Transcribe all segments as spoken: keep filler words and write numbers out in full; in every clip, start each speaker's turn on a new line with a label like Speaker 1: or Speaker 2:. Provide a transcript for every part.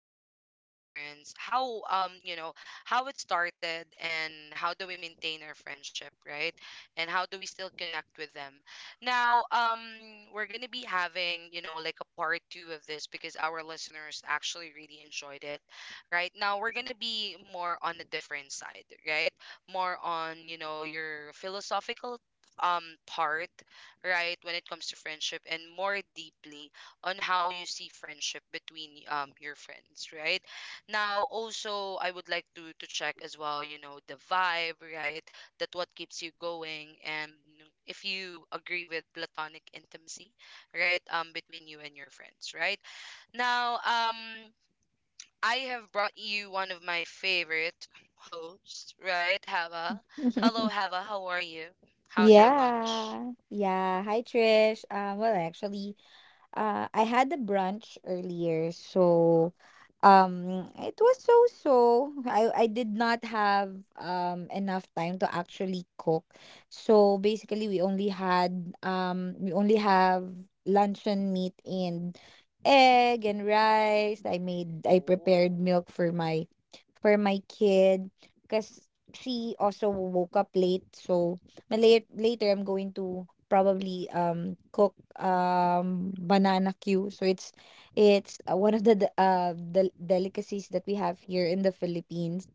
Speaker 1: connected with our friends, how um you know how it started and how do we maintain our friendship, right? And how do we still connect with them now? Um we're going to be having you know like a part two of this because our listeners actually really enjoyed it. Right now we're going to be more on a different side, right? More on you know your philosophical um part, right, when it comes to friendship, and more deeply on how you see friendship between um your friends, right? Now also I would like to to check as well you know the vibe, right, that what keeps you going, and if you agree with platonic intimacy, right, um between you and your friends, right? Now um I have brought you one of my favorite hosts, right? Hava. Hello, Hava, how are you? How's your lunch?
Speaker 2: Yeah. Yeah. Hi, Trish. Uh, well, actually, uh, I had a brunch earlier, so um, it was so so. I I did not have um enough time to actually cook, so basically we only had um we only have luncheon meat and egg and rice. I made I prepared
Speaker 1: Oh.
Speaker 2: milk for my for my kid because she also woke up late. So ma- late, later I'm going to probably um cook um banana queue. So it's it's uh, one of the de- uh the delicacies that we have here in the Philippines.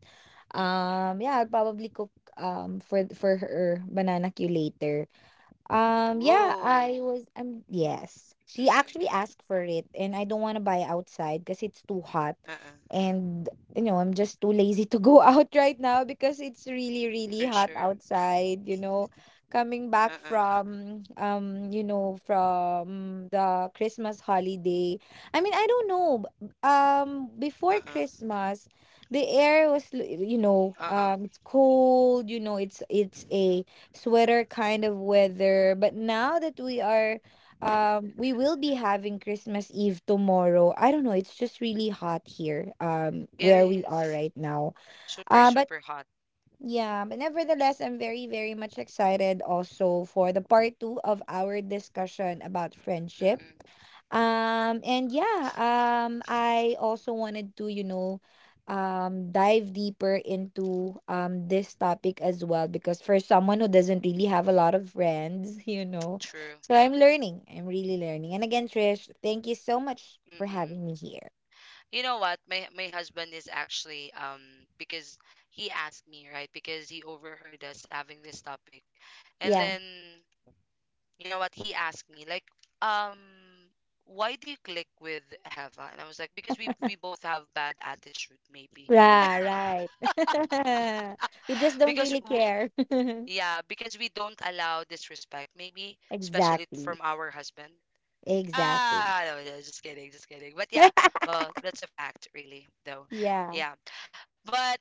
Speaker 1: Mm-mm.
Speaker 2: Um yeah, I'll probably cook um for for her banana queue later. Um, yeah, I
Speaker 1: Whoa.
Speaker 2: was um Yes. She actually
Speaker 1: Mm-mm.
Speaker 2: asked for it and I don't want to buy outside because it's too hot
Speaker 1: Uh-uh.
Speaker 2: and you know, I'm just too lazy to go out right now because it's really really
Speaker 1: For
Speaker 2: hot
Speaker 1: sure.
Speaker 2: outside, you know. Coming back
Speaker 1: Uh-uh.
Speaker 2: from um, you know, from the Christmas holiday. I mean, I don't know. B- Um, before
Speaker 1: Uh-uh.
Speaker 2: Christmas, the air was, l- you know,
Speaker 1: Uh-uh.
Speaker 2: um, it's cold, you know, it's it's a sweater kind of weather. But now that we are, um, we will be having Christmas Eve tomorrow. I don't know. It's just really hot here, um,
Speaker 1: It
Speaker 2: where we are
Speaker 1: is
Speaker 2: right now.
Speaker 1: super,
Speaker 2: Uh, but
Speaker 1: super hot.
Speaker 2: yeah, but nevertheless, I'm very, very much excited also for the part two of our discussion about friendship.
Speaker 1: Mm-mm.
Speaker 2: Um, and yeah, um, I also wanted to, you know, um, dive deeper into um this topic as well because for someone who doesn't really have a lot of friends, you know,
Speaker 1: True.
Speaker 2: so I'm learning. I'm really learning. And again, Trish, thank you so much for
Speaker 1: Mm-mm.
Speaker 2: having me here.
Speaker 1: You know what? My my husband is actually um because he asked me, right? Because he overheard us having this topic. And
Speaker 2: Yeah.
Speaker 1: then you know what? He asked me like, um, why do you click with Heva? And I was like, because we we both have bad attitude, maybe.
Speaker 2: Yeah, right. We just don't
Speaker 1: Because
Speaker 2: really
Speaker 1: w-
Speaker 2: care.
Speaker 1: Yeah, because we don't allow disrespect, maybe especially
Speaker 2: Exactly.
Speaker 1: from our husband.
Speaker 2: Exactly.
Speaker 1: Ah, no, no, just kidding, just kidding. But yeah, well, that's a fact, really, though.
Speaker 2: Yeah.
Speaker 1: Yeah, but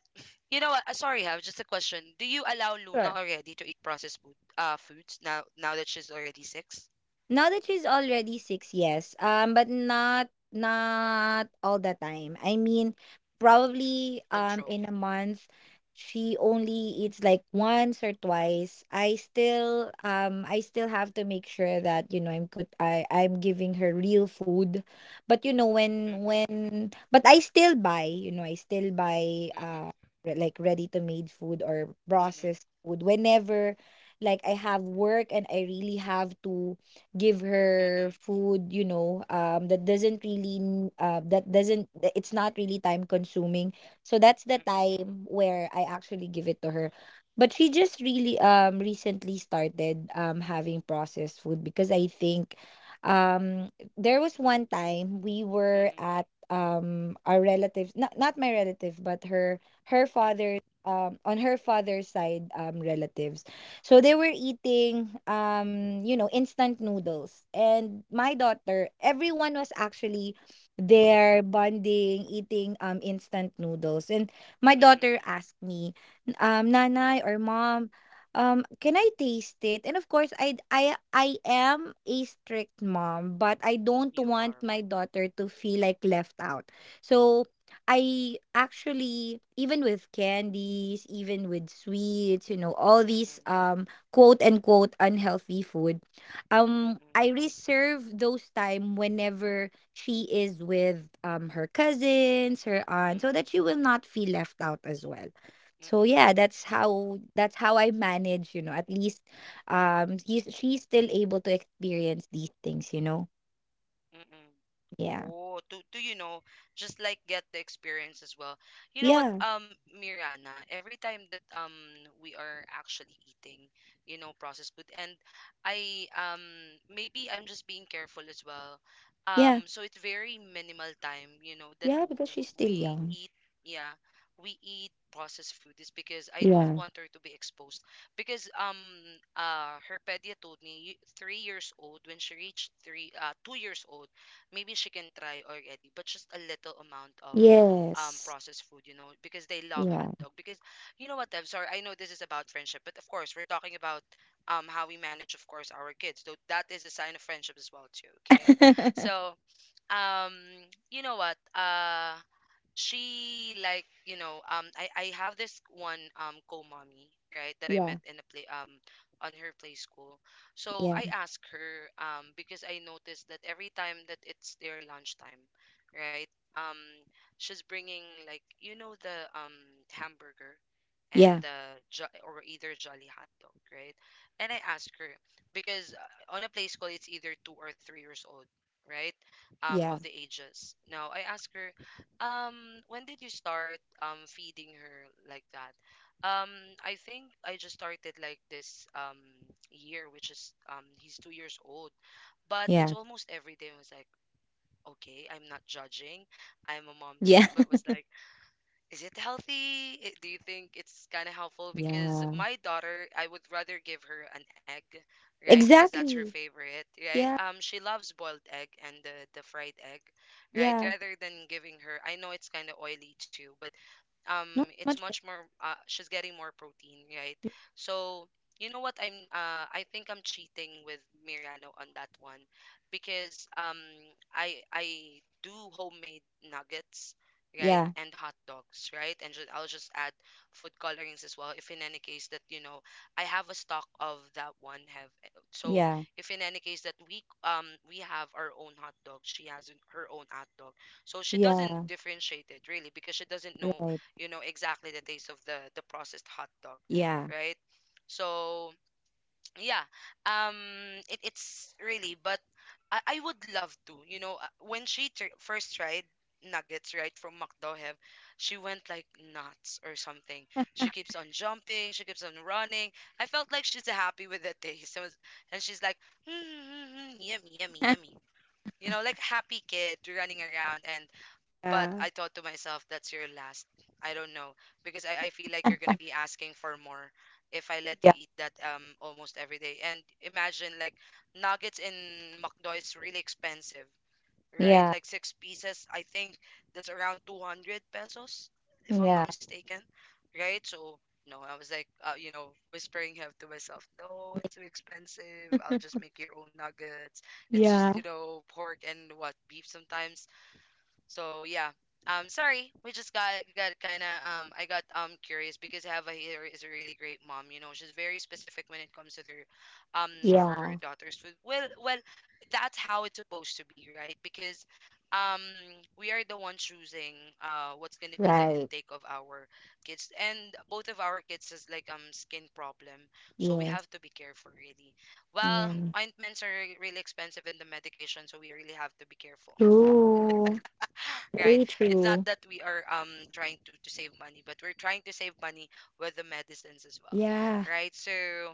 Speaker 1: you know what? uh, Sorry, have just a question. Do you allow Luna
Speaker 2: Sure.
Speaker 1: already to eat processed food, uh, foods now? Now that she's already six,
Speaker 2: Now that she's already six, yes. Um, but not not all the time. I mean, probably um in a
Speaker 1: controlled.
Speaker 2: month she only eats like once or twice. I still um I still have to make sure that, you know, I'm good I I'm giving her real food. But you know when
Speaker 1: Mm,
Speaker 2: when but I still buy, you know, I still buy uh
Speaker 1: mm,
Speaker 2: re- like ready to made food or
Speaker 1: mm,
Speaker 2: processed
Speaker 1: mm,
Speaker 2: food whenever like I have work and I really have to give her
Speaker 1: mm,
Speaker 2: food, you know, um that doesn't really n- uh, that doesn't th- it's not really time consuming, so that's the
Speaker 1: mm, mm,
Speaker 2: time where I actually give it to her. But she just really um recently started um having processed food because I think um there was one time we were
Speaker 1: mm, mm, mm,
Speaker 2: at um our relatives, not not my relative but her her
Speaker 1: mm, mm, mm.
Speaker 2: father, um on her father's side um relatives, so they were eating um, you know, instant noodles. And my daughter, everyone was actually there bonding, eating um instant noodles. And my daughter
Speaker 1: Mm.
Speaker 2: asked me, um, Nanay or mom, um, can I taste it? And of course, I I I am a strict mom, but I don't
Speaker 1: You
Speaker 2: want
Speaker 1: are.
Speaker 2: my daughter to feel like left out. So I actually, even with candies, even with sweets, you know, all
Speaker 1: Mm,
Speaker 2: these
Speaker 1: mm,
Speaker 2: um quote unquote unhealthy food,
Speaker 1: mm,
Speaker 2: um
Speaker 1: mm,
Speaker 2: I reserve those time whenever she is with um her cousins, her aunt,
Speaker 1: mm,
Speaker 2: so that
Speaker 1: mm.
Speaker 2: she will not feel left out as well. So
Speaker 1: Mm.
Speaker 2: yeah, that's how that's how I manage, you know, at least um he's, she's still able to experience these things, you know.
Speaker 1: Mm-mm.
Speaker 2: Yeah.
Speaker 1: Oh, to to you know, just like get the experience as well. You know what,
Speaker 2: Yeah.
Speaker 1: um, Mirana, every time that um we are actually eating, you know, processed food, and I um maybe I'm just being careful as well. Um,
Speaker 2: Yeah.
Speaker 1: so it's very minimal time, you know, that
Speaker 2: Yeah,
Speaker 1: w-
Speaker 2: because she's still
Speaker 1: we
Speaker 2: young.
Speaker 1: eat. Yeah, we eat processed food is because I don't
Speaker 2: Yeah.
Speaker 1: want her to be exposed because um uh her pedia told me, "You- three years old when she reached three, uh two years old, maybe she can try already, but just a little amount of um
Speaker 2: Yes.
Speaker 1: processed food, you know, because they love hot
Speaker 2: Yeah.
Speaker 1: dog." Because you know what, I'm sorry, I know this is about friendship, but of course we're talking about um how we manage of course our kids, so that is a sign of friendship as well too, okay? So um you know what, uh she like you know um I I have this one um co-mommy, right, that I met
Speaker 2: Yeah.
Speaker 1: in a play um on her play school. So
Speaker 2: Yeah.
Speaker 1: I asked her um because I noticed that every time that it's their lunchtime, right, um she's bringing like you know the um hamburger and
Speaker 2: Yeah.
Speaker 1: the jo- or either jolly hot dog, right? And I asked her, because uh, on a play school it's either two or three years old, right, um of
Speaker 2: Yeah.
Speaker 1: the ages. Now I asked her, um, when did you start um feeding her like that? Um, I think I just started like this um year, which is um he's two years old, but it's almost
Speaker 2: Yeah.
Speaker 1: every day. I was like, okay, I'm not judging. I'm a mom
Speaker 2: Yeah.
Speaker 1: too, but was like, is it healthy? I- Do you think it's kind of helpful? Because my
Speaker 2: Yeah.
Speaker 1: daughter, I would rather give her an egg, right? Because that's her
Speaker 2: Exactly.
Speaker 1: favorite, right?
Speaker 2: Yeah.
Speaker 1: Um, she loves boiled egg and the the fried egg, right?
Speaker 2: Yeah.
Speaker 1: Rather than giving her, I know it's kind of oily too, but um
Speaker 2: Not
Speaker 1: it's
Speaker 2: much
Speaker 1: much
Speaker 2: better.
Speaker 1: more uh, she's getting more protein, right? So you know what, i'm uh I think I'm cheating with Miriano on that one, because um I I do homemade nuggets, right,
Speaker 2: Yeah.
Speaker 1: and hot dogs, right, and just, I'll just add food colorings as well, if in any case that you know I have a stock of that one, have so
Speaker 2: Yeah.
Speaker 1: if in any case that we um we have our own hot dog, she has her own hot dog, so she doesn't
Speaker 2: Yeah.
Speaker 1: differentiate it really because she doesn't know
Speaker 2: Right.
Speaker 1: you know exactly the taste of the the processed hot dog,
Speaker 2: Yeah.
Speaker 1: right? So yeah. Um, it, it's really, but I, I would love to you know uh, when she tr- first tried nuggets, right, from McDo, have, she went like nuts or something. She keeps on jumping, she keeps on running. I felt like she's happy with the taste and was- and she's like mm, mm, mm, mm, yummy, yummy, yummy, you know, like happy kid running around. And but I thought
Speaker 2: Yeah.
Speaker 1: to myself, that's your last. I don't know, because i, I feel like you're gonna be asking for more if I let you
Speaker 2: Yeah.
Speaker 1: eat that um almost every day. And imagine like nuggets in McDo is really expensive, right?
Speaker 2: Yeah.
Speaker 1: Like six pieces, I think that's around two hundred pesos, if I'm
Speaker 2: Yeah.
Speaker 1: not mistaken, right? So, no, I was like, uh, you know, whispering him to myself, no, it's too expensive. I'll just make your own nuggets. It's just,
Speaker 2: Yeah.
Speaker 1: you know, pork and what, beef sometimes. So yeah. Um, sorry, we just got got kind of um, I got um curious because I here is a really great mom. You know, she's very specific when it comes to their, um, for her
Speaker 2: Yeah.
Speaker 1: daughter's food. Well, well, that's how it's supposed to be, right? Because, um, we are the one choosing uh what's gonna be the
Speaker 2: Right.
Speaker 1: intake of our kids, and both of our kids has like um skin problem, so we
Speaker 2: Yes.
Speaker 1: have to be careful really. Well,
Speaker 2: Yeah.
Speaker 1: ointments are really expensive in the medication, so we really have to be careful,
Speaker 2: True.
Speaker 1: right?
Speaker 2: Very
Speaker 1: It's not
Speaker 2: true.
Speaker 1: that we are um trying to to save money, but we're trying to save money with the medicines as well,
Speaker 2: Yeah.
Speaker 1: right? So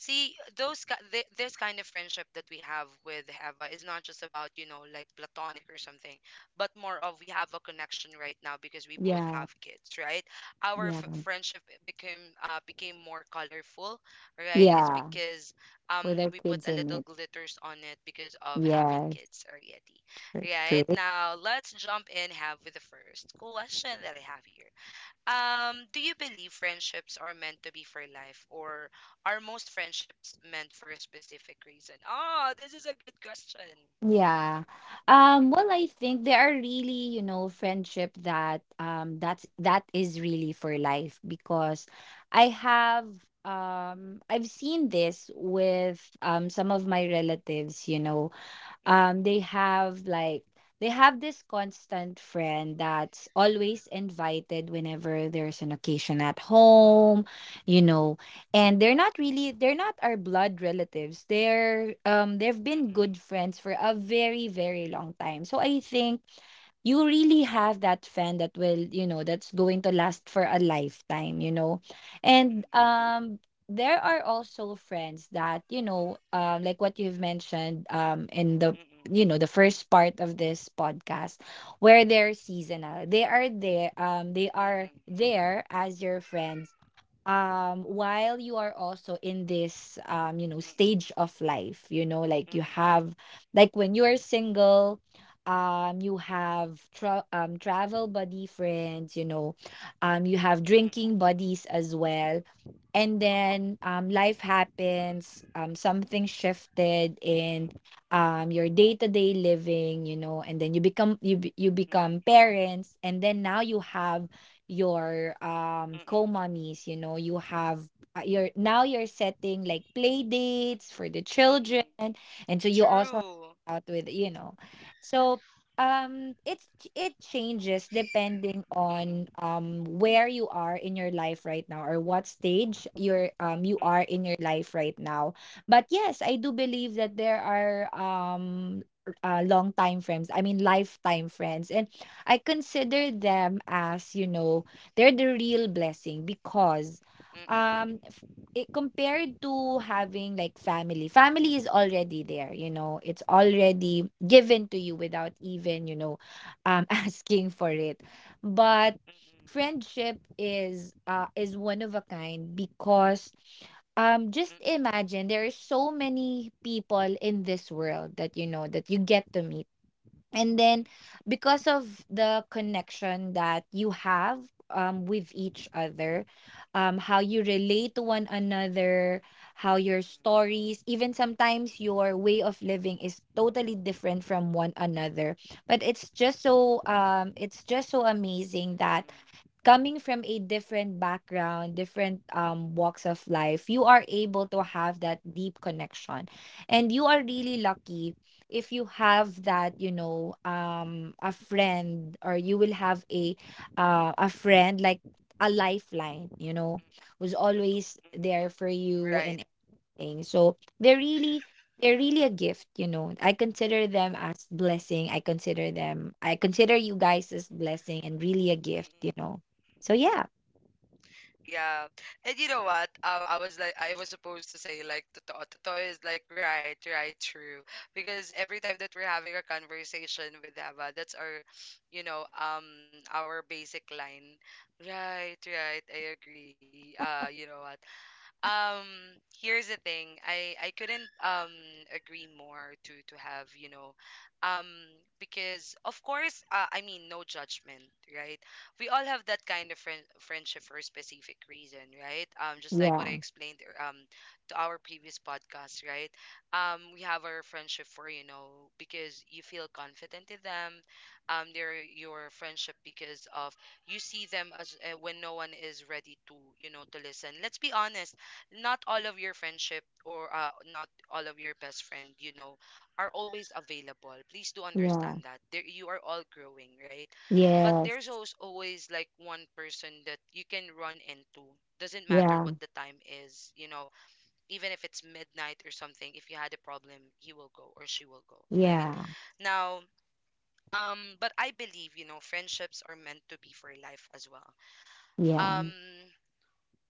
Speaker 1: see, those ki- th- this kind of friendship that we have with Eva is not just about, you know, like platonic or something, but more of we have a connection right now because we both
Speaker 2: Yeah.
Speaker 1: have kids, right? Our
Speaker 2: Yeah.
Speaker 1: f- friendship became uh, became more colorful, right? It's
Speaker 2: Yeah.
Speaker 1: because um
Speaker 2: With our
Speaker 1: we put
Speaker 2: kids
Speaker 1: a
Speaker 2: in
Speaker 1: little
Speaker 2: it.
Speaker 1: glitters on it because of having
Speaker 2: Yes.
Speaker 1: kids already, right?
Speaker 2: True.
Speaker 1: Now let's jump in, have with the first question that I have here. Um, do you believe friendships are meant to be for life, or are most friendships meant for a specific reason? Ah, this is a good question.
Speaker 2: Yeah.
Speaker 1: Mm-mm,
Speaker 2: Um, well, I think there are really, you know, friendship that um that's that is really for life because I have um I've seen this with um some of my relatives, you know,
Speaker 1: mm-mm,
Speaker 2: um they have like they have this constant friend that's always invited whenever there's an occasion at home, you know, and they're not really they're not our blood relatives, they're um they've been
Speaker 1: mm-mm,
Speaker 2: good friends for a very very long time, so I think you really have that fan that will, you know, that's going to last for a lifetime, you know. And
Speaker 1: mm-mm,
Speaker 2: um there are also friends that, you know, uh, like what you've mentioned um in the,
Speaker 1: mm-mm,
Speaker 2: you know, the first part of this podcast, where they're seasonal. They are there um they are
Speaker 1: mm-mm,
Speaker 2: there as your friends um while you are also in this, um you know,
Speaker 1: mm-mm, mm-mm,
Speaker 2: stage of life, you know, like you
Speaker 1: mm-mm,
Speaker 2: have like when you are single, um you have tra- um travel buddy friends, you know, um you have drinking buddies as well. And then um, life happens, um, something shifted in, um, your day-to-day living, you know, and then you become you be- you
Speaker 1: mm-mm,
Speaker 2: become
Speaker 1: mm-mm,
Speaker 2: parents, and then now you have your um
Speaker 1: mm-mm,
Speaker 2: co-mommies, you know, you have uh, your now you're setting like play dates for the children,
Speaker 1: mm-mm.
Speaker 2: and so you also
Speaker 1: True.
Speaker 2: hang out with, you know. So um it's it changes depending on
Speaker 1: Mm-mm,
Speaker 2: um where you are in your life right now or what stage you're um you
Speaker 1: mm-mm,
Speaker 2: are in your life right now. But yes, I do believe that there are um uh, long time friends, I mean lifetime friends, and I consider them as, you know, they're the real blessing, because
Speaker 1: mm-mm,
Speaker 2: um
Speaker 1: mm-mm,
Speaker 2: it compared to having like family, family is already there, you know, it's already given to you without even, you know, um asking for it. But
Speaker 1: mm-mm,
Speaker 2: friendship is uh is one of a kind, because um just
Speaker 1: mm-mm, mm-mm,
Speaker 2: imagine there are so many people in this world that, you know, that you get to meet, and then because of the connection that you have, um, with each other, um, how you relate to one another, how your
Speaker 1: mm-mm,
Speaker 2: stories, even sometimes your way of living, is totally different from one another. But it's just so um, it's just so amazing that
Speaker 1: mm-mm,
Speaker 2: coming from a different background, different um walks of life, you are able to have that deep connection. And you are
Speaker 1: mm-mm.
Speaker 2: really lucky if you have that, you know, um a friend, or you will have a uh a friend like a lifeline, you know, who's
Speaker 1: Totoo.
Speaker 2: always there for
Speaker 1: Mm.
Speaker 2: you
Speaker 1: Right.
Speaker 2: and thing. So they're really they're really a gift, you know. I consider them as blessing. I consider them I consider you guys as blessing and really a gift, you
Speaker 1: Mm-mm.
Speaker 2: know. So yeah.
Speaker 1: Yeah, and you know what? Um, I was like, I was supposed to say like, totoo, totoo is like right, right, true. Because every time that we're having a conversation with Ava, that's our, you know, um, our basic line. Right, right. I agree. Uh, you know what? um Here's the thing, i i couldn't um agree more to to have you know. Um, because of course uh, i mean no judgment, right? We all have that kind of friend friendship for a specific reason, right? Um, just like what I
Speaker 2: Yeah.
Speaker 1: explained er- um to our previous podcast, right? Um, we have our friendship for you know because you feel confident in them. Um, they're your friendship because of you see them as uh, when no one is ready to you know to listen. Let's be honest, not all of your friendship, or uh, not all of your best friend, you know, are always available. Please do
Speaker 2: Yeah.
Speaker 1: understand that there you are all growing, right? But there's
Speaker 2: Yes.
Speaker 1: always, always like one person that you can run into, doesn't matter what
Speaker 2: Yeah.
Speaker 1: the time is, you know, even if it's midnight or something. If you had a problem, he will go or she will go, right?
Speaker 2: Yeah.
Speaker 1: Now um but I believe you know friendships are meant to be for life as well. Um,
Speaker 2: Yeah.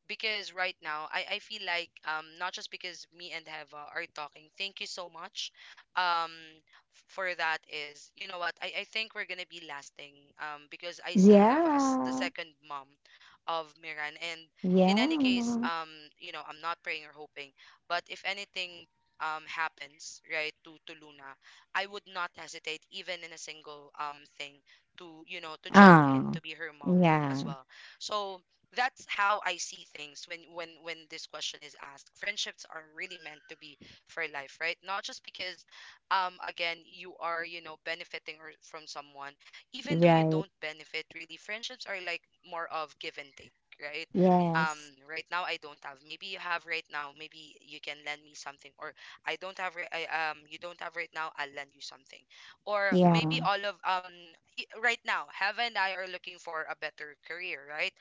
Speaker 1: because right now I, I feel like, um, not just because me and Heva are talking, thank you so much, um, f- for that is, you know what, I, I think we're gonna be lasting, um, because I see Heva as the
Speaker 2: Yeah.
Speaker 1: second mom of Miran. And in any case,
Speaker 2: Yeah.
Speaker 1: um, you know, I'm not praying or hoping, but if anything, um, happens, right, to to Luna, I would not hesitate even in a single um thing to you know to jump in
Speaker 2: Ah.
Speaker 1: to be her mom as
Speaker 2: Yeah.
Speaker 1: well. So that's how I see things when when when this question is asked. Friendships are really meant to be for life, right? Not just because, um, again, you are you know benefiting or from someone, even though you
Speaker 2: Right.
Speaker 1: don't benefit really. Friendships are like more of give and take, right?
Speaker 2: Yes.
Speaker 1: Um, right now I don't have. Maybe you have right now. Maybe you can lend me something, or I don't have. Right, I um, you don't have right now. I'll lend you something, or maybe
Speaker 2: Yeah.
Speaker 1: all of um, i- right now, Heaven and I are looking for a better career, right?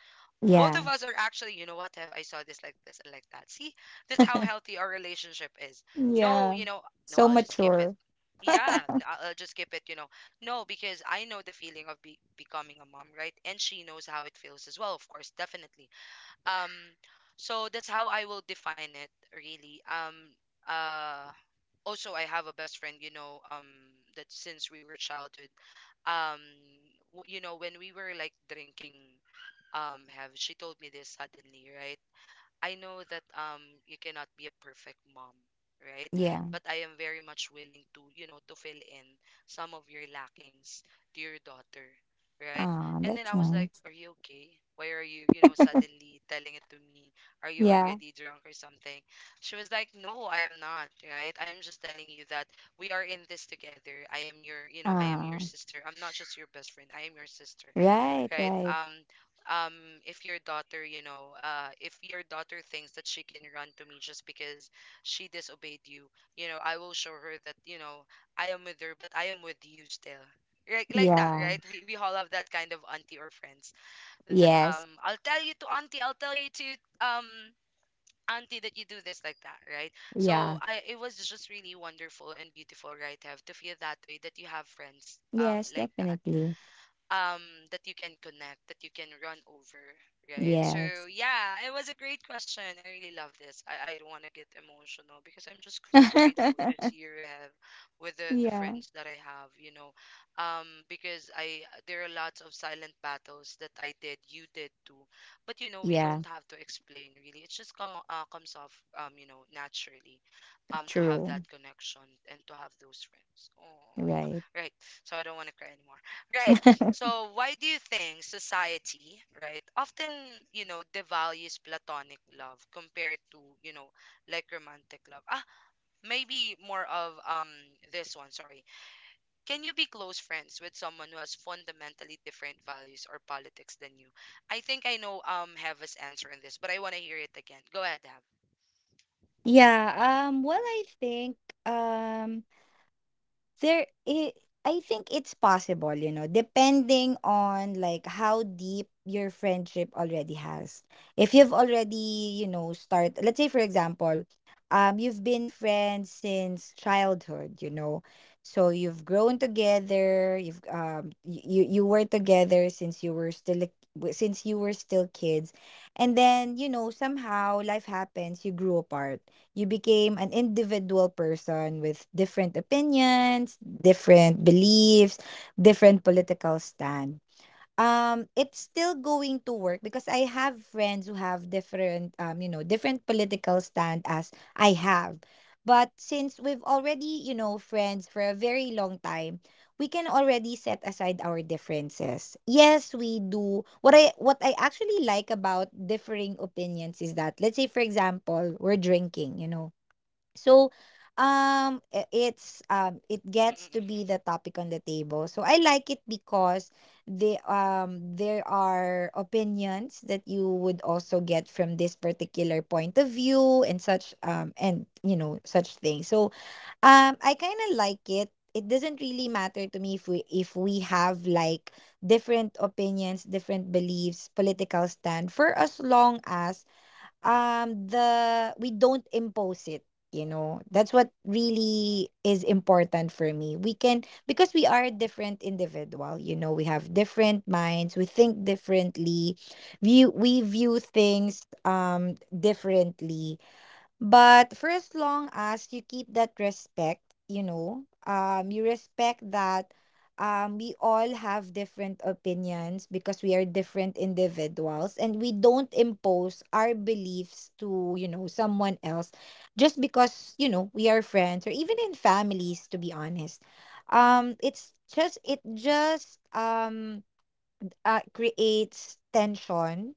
Speaker 1: Both
Speaker 2: Yeah.
Speaker 1: of us are actually, you know what, Have I saw this like this and like that. See, that's how healthy our relationship is. No,
Speaker 2: Yeah.
Speaker 1: you know, no,
Speaker 2: So
Speaker 1: I'll just keep it.
Speaker 2: mature.
Speaker 1: Yeah, n- I'll I'll just keep it, you know. No, because I know the feeling of be becoming a mom, right? And she knows how it feels as well, of course, definitely. Um, so that's how I will define it, really. Um, uh, also, I have a best friend, you know, um, that since we were childhood, um, w- you know, when we were like drinking, um have she told me this suddenly, right? I know that um you cannot be a perfect mom, right?
Speaker 2: Yeah.
Speaker 1: But I am very much willing to, you know to fill in some of your lackings to your daughter, right?
Speaker 2: Ah,
Speaker 1: And then
Speaker 2: that's
Speaker 1: I was like,
Speaker 2: nice.
Speaker 1: are you okay? Why are you you know suddenly telling it to me? Are you
Speaker 2: Yeah.
Speaker 1: already drunk or something? She was like, no, I am not, right? I am just telling you that we are in this together. i am your you know I am your
Speaker 2: Ah.
Speaker 1: sister. I'm not just your best friend, I am your sister,
Speaker 2: Right,
Speaker 1: right?
Speaker 2: right.
Speaker 1: Um, um if your daughter you know uh If your daughter thinks that she can run to me just because she disobeyed you, you know I will show her that, you know I am with her but I am with you still, right? Like that,
Speaker 2: Yeah.
Speaker 1: right? We, we all have that kind of auntie or friends, that, um
Speaker 2: Yes.
Speaker 1: I'll tell you to auntie, I'll tell you to, um auntie that you do this like that, right? So
Speaker 2: Yeah.
Speaker 1: I it was just really wonderful and beautiful, right? Have to feel that way that you have friends, um
Speaker 2: Yes,
Speaker 1: like that.
Speaker 2: definitely.
Speaker 1: um that you can connect, that you can run over, right? So,
Speaker 2: Yes.
Speaker 1: yeah, it was a great question. I really love this. I, I don't want to get emotional because I'm just so grateful this year I have with the, the
Speaker 2: Yeah.
Speaker 1: friends that I have you know um Because I there are lots of silent battles that I did, you did too. But you know we
Speaker 2: Yeah,
Speaker 1: don't have to explain really. It just come uh, comes off um you know naturally, um to have
Speaker 2: true.
Speaker 1: that connection and to have those friends, oh,
Speaker 2: Right.
Speaker 1: right? So I don't want to cry anymore. Right. So why do you think society, right, often, you know, devalues platonic love compared to, you know, like romantic love? Ah, maybe more of um this one, sorry. Can you be close friends with someone who has fundamentally different values or politics than you? I think I know um Heva's answer in this, but I want to hear it again. Go ahead, Hev. Mm-mm,
Speaker 2: Yeah, um well, I think um There I I think it's possible, you know, depending on like how deep your friendship already has. If you've already, you know, start let's say for example, um you've been friends since childhood, you know. So you've grown together, you've um y- you you were together since you were still a- w- since you were still kids. And then, you know, somehow life happens, you grew apart. You became an individual person with different opinions, different beliefs, different political stand. Um, it's still going to work because I have friends who have different, um, you know, different political stand as I have. But since we've already, you know, friends for a very long time, we can already set aside our differences. Yes, we do. What I what I actually like about differing opinions is that let's say for example, we're drinking, you know. So, um, i- it's um, it gets
Speaker 1: mm-mm,
Speaker 2: to be the topic on the table. So I like it because the um there are opinions that you would also get from this particular point of view and such, um and, you know, such things. So um, I kind of like it. It doesn't really matter to me if we if we have like different opinions, different beliefs, political stand, for as long as um the we don't impose it, you know. That's what really is important for me. We can, because we are a different individual, you know, we have different minds, we think differently, view we view things um differently. But for as long as you keep that respect, you know, um, you respect that, um, we all have different opinions because we are different individuals, and we don't impose our beliefs to, you know, someone else just because, you know, we are friends, or even in families, to be honest. Um, it's just, it just um, uh, creates tension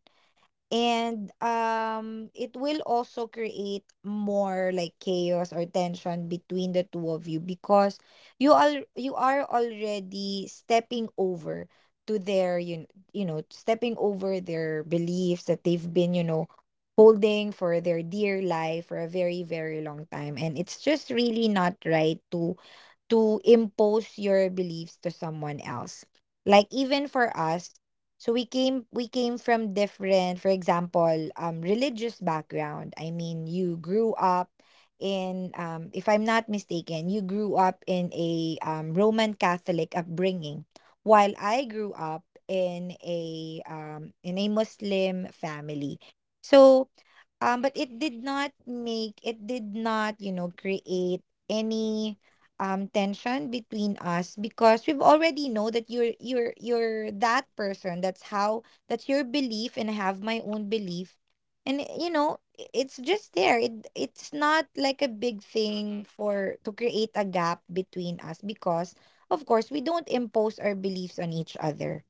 Speaker 2: and, um, it will also create more like chaos or tension between the two of you, because you all you are already stepping over to their you, kn- you know stepping over their beliefs that they've been, you know holding for their dear life for a very, very long time, and it's just really not right to to impose your beliefs to someone else. Like, even for us, so we came we came from different, for example, um, religious background. I mean, you grew up in, um, if I'm not mistaken, you grew up in a, um, Roman Catholic upbringing, while I grew up in a, um, in a Muslim family. So, um, but
Speaker 1: mm-mm,
Speaker 2: it did not make it did not, you know, create any um tension between us, because we've already know that you're you're you're that person. That's how that's your belief, and I have my own belief. And you know, i- it's just there. It it's not
Speaker 1: mm-mm,
Speaker 2: like a big thing for to create a gap between us, because of course we don't impose our beliefs on each other.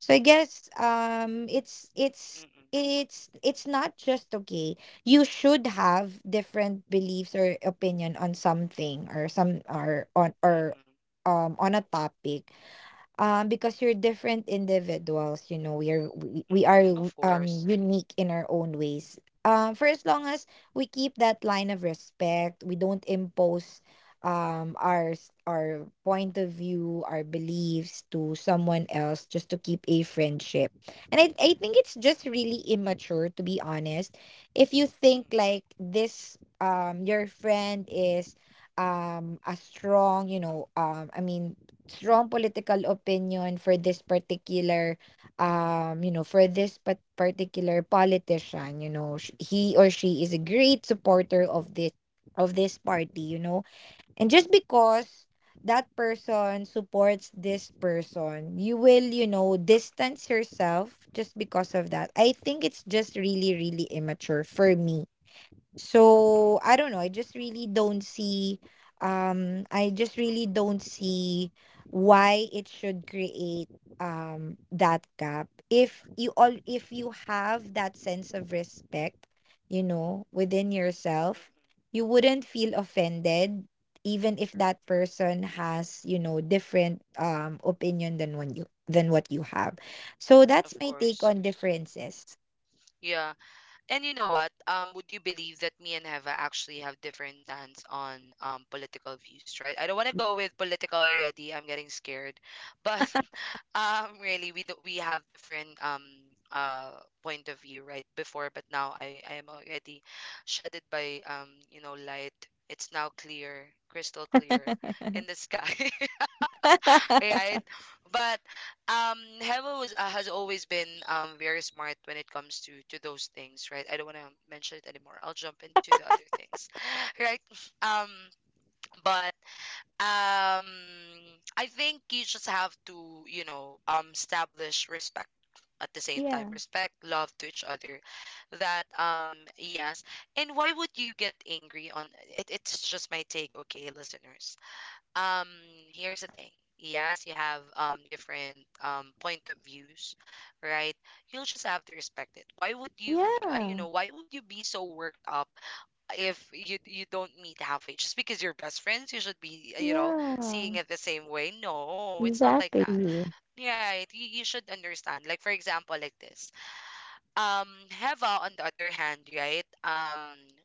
Speaker 2: So I guess um it's
Speaker 1: mm-mm,
Speaker 2: it's it's it's not just okay, you should have different beliefs or opinion on something, or some or on
Speaker 1: mm-mm,
Speaker 2: or um on a topic, um because you're different individuals. You know, we are we,
Speaker 1: mm-mm.
Speaker 2: we are
Speaker 1: Of
Speaker 2: w-
Speaker 1: course.
Speaker 2: um unique in our own ways. um for as long as we keep that line of respect, we don't impose um our s- our point of view, our beliefs to someone else just to keep a friendship. And i i think it's just really immature, to be honest. If you
Speaker 1: Mm-mm,
Speaker 2: think like this, um your friend is, um a strong, you know, um I mean, strong political opinion for this particular, um you know, for this pa- particular politician. You know, sh- he or she is a great supporter of this, of this party, you know. And just because that person supports this person, you will, you
Speaker 1: mm-mm,
Speaker 2: know, distance yourself just because of that. I think it's just really, really immature for me.
Speaker 1: mm-mm, mm-mm,
Speaker 2: So I don't know. I just really don't see. Um, I just really don't see why it should create um that gap. If you all, if you
Speaker 1: mm-mm,
Speaker 2: have that sense of respect, you know, within yourself,
Speaker 1: mm-mm.
Speaker 2: you wouldn't feel offended, even if
Speaker 1: True.
Speaker 2: that person has, you know, different um opinion than when you than what you have. So that's
Speaker 1: Of
Speaker 2: my take
Speaker 1: course.
Speaker 2: on differences.
Speaker 1: Yeah. And you know what? Um, would you believe that me and Heva actually have different stance on um political views, right? I don't want to go with political already. I'm getting scared. But um really we do, we have different um uh point of view, right? Before, but now I I am already shaded by, um you know light. It's now clear, crystal clear in the sky, right? But um, Heva was uh, has always been um very smart when it comes to to those things, right? I don't want to mention it anymore. I'll jump into the other things, right? Um, but um, I think you just have to, you know, um, establish respect, at the same time
Speaker 2: Yeah.
Speaker 1: respect love to each other, that, um yes. And why would you get angry on it? It's just my take. Okay, listeners, um, here's the thing. Yes, you have um different um point of views, right? You'll just have to respect it. Why would you, uh, you
Speaker 2: Yeah.
Speaker 1: know, why would you be so worked up if you you don't meet halfway? Just because you're best friends, you should be, uh, you know, seeing
Speaker 2: Yeah,
Speaker 1: it the same way. No, it's not like
Speaker 2: exactly.
Speaker 1: that. Right, you, you should understand. Like for example, like this, um Heva on the other hand, right? Um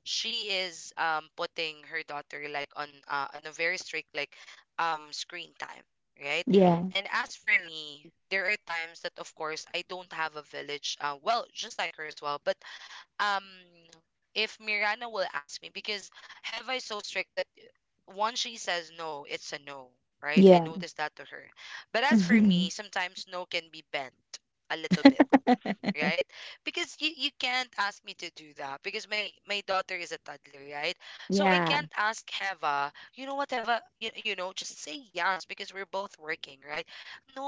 Speaker 1: She is, um putting her daughter like on uh, on a very strict, like, um screen time, right?
Speaker 2: Yeah,
Speaker 1: And as for me, there are times that of course I don't have a village, uh, well, just like her as well, but um if Mirana will ask me, because Heva is so strict that once she says no, it's a no, right? I
Speaker 2: yeah.
Speaker 1: noticed that to her. But as for me, sometimes no can be bent a little bit, right? Because you, you can't ask me to do that because my my daughter is a toddler, right? So I
Speaker 2: Yeah,
Speaker 1: can't ask Heva, you know what, Heva, you, you know, just say yes because we're both working, right?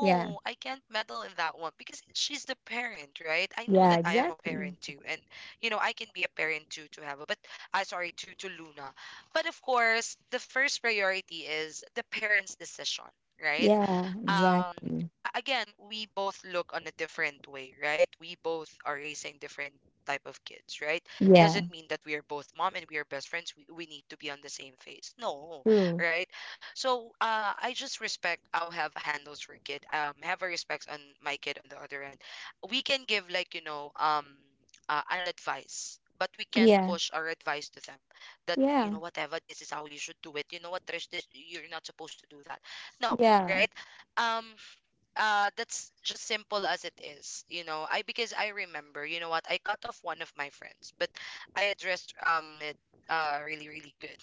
Speaker 2: yeah,
Speaker 1: I can't meddle in that one because she's the parent, right? I know
Speaker 2: yeah,
Speaker 1: that I am a
Speaker 2: exactly.
Speaker 1: parent too, and you know I can be a parent too to Heva, but I sorry, to to Luna, but of course the first priority is the parent's decision. Right?
Speaker 2: Yeah,
Speaker 1: um
Speaker 2: exactly.
Speaker 1: a- Again, we both look on a different way, right? We both are raising different type of kids, right?
Speaker 2: Yeah,
Speaker 1: Doesn't mean that we are both mom and we are best friends, we, we need to be on the same phase. No,
Speaker 2: true.
Speaker 1: right? So, uh I just respect how Have handles her kid, um Have a respect on my kid on the other end. We can give, like, you know um uh, an advice, but we can't
Speaker 2: Yeah,
Speaker 1: push our advice to them, that, you
Speaker 2: yeah,
Speaker 1: know whatever, this is how you should do it. You know what, Trish, this, you're not supposed to do that. No,
Speaker 2: yeah.
Speaker 1: right? um uh that's just simple as it is you know I Because I remember, you know what, I cut off one of my friends, but I addressed um it, uh really, really good.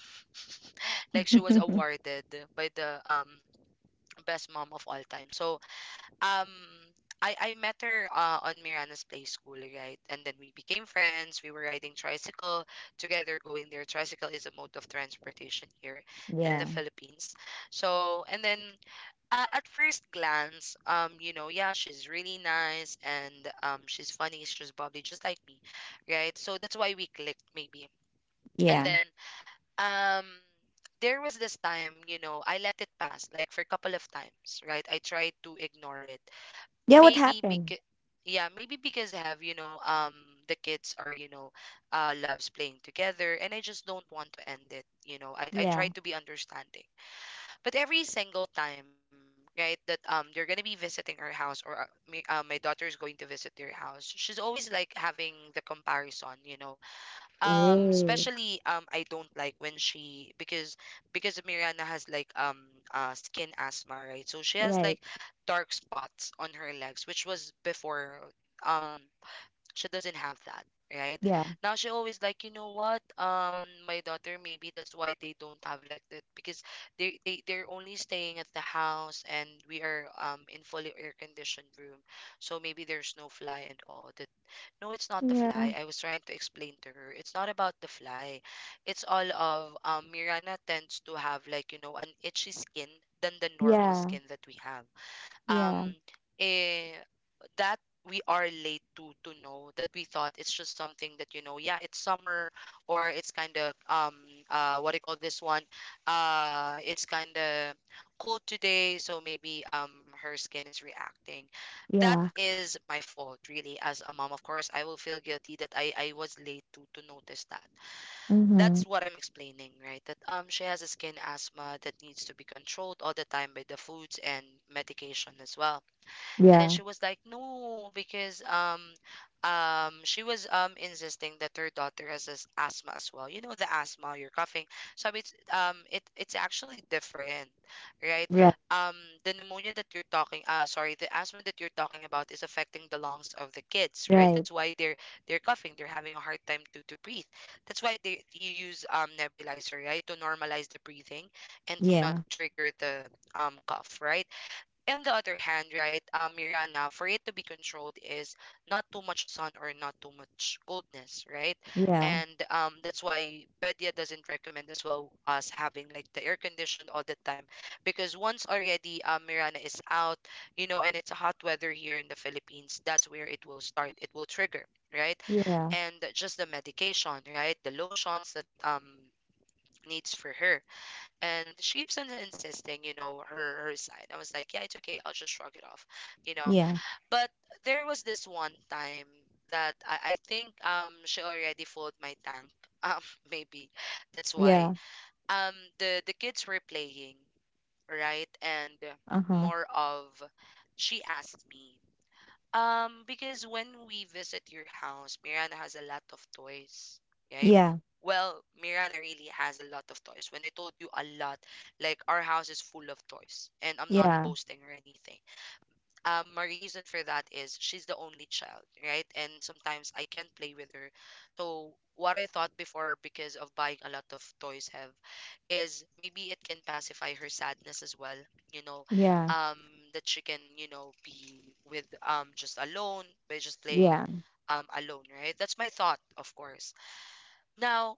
Speaker 1: Like she was awarded by the, um best mom of all time, so. um I, I met her, uh, on Mirana's Play School, right? And then we became friends. We were riding tricycle together, going there. Tricycle is a mode of transportation here in the
Speaker 2: Yeah,
Speaker 1: Philippines. So, and then, uh, at first glance, um, you know, yeah, she's really nice and, um, she's funny. She's probably just like me, right? So that's why we clicked, maybe. And
Speaker 2: yeah.
Speaker 1: then, um, there was this time, you know, I let it pass, like for a couple of times, right? I tried to ignore it,
Speaker 2: Yeah, what
Speaker 1: maybe
Speaker 2: happened?
Speaker 1: because, yeah, maybe because I have, you know, um, the kids are, you know, uh, loves playing together, and I just don't want to end it. You know, I I try
Speaker 2: Yeah.
Speaker 1: to be understanding, but every single time, right, that um they're gonna be visiting our house, or uh, me, uh, my daughter is going to visit their house, she's always like having the comparison, you know. Um,
Speaker 2: Oh,
Speaker 1: especially, um I don't like when she, because because Miranda has like um uh skin asthma, right? So she has
Speaker 2: right.
Speaker 1: like dark spots on her legs, which was before. Um, she doesn't have that right
Speaker 2: Yeah.
Speaker 1: now. She always like, you know what, um my daughter, maybe that's why they don't have like that, because they, they they're only staying at the house and we are, um in fully air conditioned room. So maybe there's no fly and all that. No, it's not the
Speaker 2: Yeah,
Speaker 1: fly, I was trying to explain to her, it's not about the fly. It's all of, um Mirana tends to have, like, you know an itchy skin than the normal
Speaker 2: yeah,
Speaker 1: skin that we have, um
Speaker 2: yeah,
Speaker 1: eh, that we are late to to know that. We thought it's just something that, you know, yeah, it's summer, or it's kind of, um uh what do you call this one, uh it's kind of cold today, so maybe um her skin is reacting. That
Speaker 2: yeah.
Speaker 1: is my fault, really. As a mom, of course I will feel guilty that i i was late to to notice that.
Speaker 2: Mm-hmm.
Speaker 1: That's what I'm explaining, right? That, um she has a skin asthma that needs to be controlled all the time by the foods and medication as well. And then
Speaker 2: Yeah,
Speaker 1: she was like, no, because, um, um, she was, um insisting that her daughter has as asthma as well. You know the asthma, you're coughing. So it's um it it's actually different, right?
Speaker 2: right,
Speaker 1: Um, the pneumonia that you're talking, uh, sorry, the asthma that you're talking about is affecting the lungs of the kids, right?
Speaker 2: right.
Speaker 1: That's why they're they're coughing. They're having a hard time to to breathe. That's why they you use um nebulizer, right, to normalize the breathing and to not
Speaker 2: Yeah,
Speaker 1: trigger the um cough, right? On the other hand, right, um, Mirana, for it to be controlled is not too much sun or not too much coldness, right?
Speaker 2: yeah,
Speaker 1: And um, that's why Pedia doesn't recommend as well us having like the air conditioned all the time, because once already um, Mirana is out, you know, and it's a hot weather here in the Philippines, that's where it will start. It will trigger, right?
Speaker 2: yeah,
Speaker 1: And just the medication, right? The lotions that um needs for her, and she keeps on insisting, you know, her her side. I was like, yeah, it's okay, I'll just shrug it off, you know.
Speaker 2: yeah,
Speaker 1: But there was this one time that i, I think um she already filled my tank um maybe that's why
Speaker 2: yeah.
Speaker 1: um the the kids were playing, right, and
Speaker 2: Uh-huh.
Speaker 1: more of, she asked me, um, because when we visit your house, Miranda has a lot of toys, right?
Speaker 2: Yeah.
Speaker 1: Well, Miranda really has a lot of toys. When I told you a lot, like our house is full of toys, and I'm not
Speaker 2: Yeah,
Speaker 1: boasting or anything. Um, my reason for that is she's the only child, right? And sometimes I can't play with her. So what I thought before, because of buying a lot of toys, have is maybe it can pacify her sadness as well. You know,
Speaker 2: yeah,
Speaker 1: um, that she can, you know, be with um just alone, by just playing
Speaker 2: yeah,
Speaker 1: um alone, right? That's my thought, of course. Now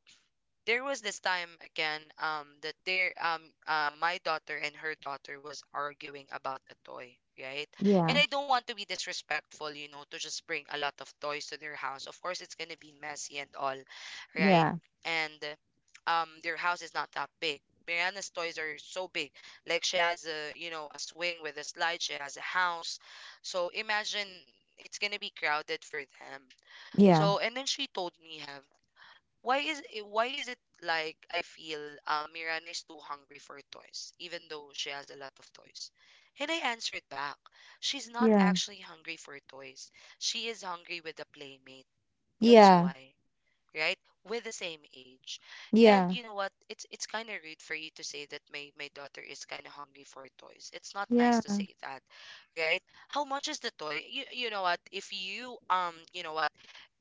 Speaker 1: there was this time again um that there um uh, my daughter and her daughter was arguing about a toy, right. And
Speaker 2: yeah,
Speaker 1: I don't want to be disrespectful, you know, to just bring a lot of toys to their house. Of course it's gonna be messy and all, right.
Speaker 2: yeah,
Speaker 1: And um their house is not that big. Mariana's toys are so big. Like she has a, you know, a swing with a slide. She has a house. So imagine, it's gonna be crowded for them.
Speaker 2: yeah,
Speaker 1: So and then she told me, Hev, why is it, why is it like I feel um, Mirana is too hungry for toys, even though she has a lot of toys? And I answered back, she's not
Speaker 2: yeah,
Speaker 1: actually hungry for toys. She is hungry with a playmate. That's
Speaker 2: yeah,
Speaker 1: why, right? With the same age. And
Speaker 2: yeah,
Speaker 1: you know what? It's it's kind of rude for you to say that my my daughter is kind of hungry for toys. It's not nice to say that, right? How much is the toy? You you know what? If you um you know what?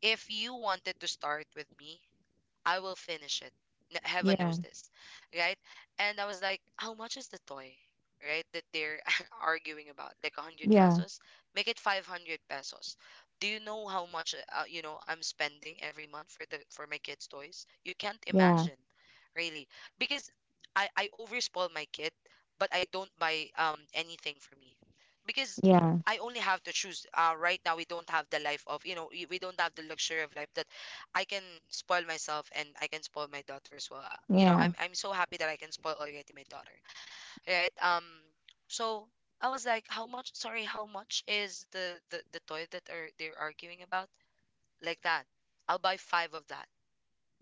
Speaker 1: If you wanted to start with me, I will finish it. N- Heaven knows
Speaker 2: yeah,
Speaker 1: this, right? And I was like, how much is the toy, right? That they're arguing about, like one hundred
Speaker 2: yeah, yeah,
Speaker 1: pesos. Make it five hundred pesos. Do you know how much uh, you know, I'm spending every month for the for my kids' toys? You can't
Speaker 2: yeah,
Speaker 1: imagine, really, because I I overspoil my kid, but I don't buy um anything for me, because
Speaker 2: yeah,
Speaker 1: I only have to choose. Uh, right now we don't have the life of, you know, we we don't have the luxury of life that I can spoil myself and I can spoil my daughter as well. Uh, You know, I'm
Speaker 2: yeah,
Speaker 1: I'm so happy that I can spoil already my daughter, right? Um, so I was like, how much? Sorry, how much is the the, the toy that are they're arguing about? Like that, I'll buy five of that,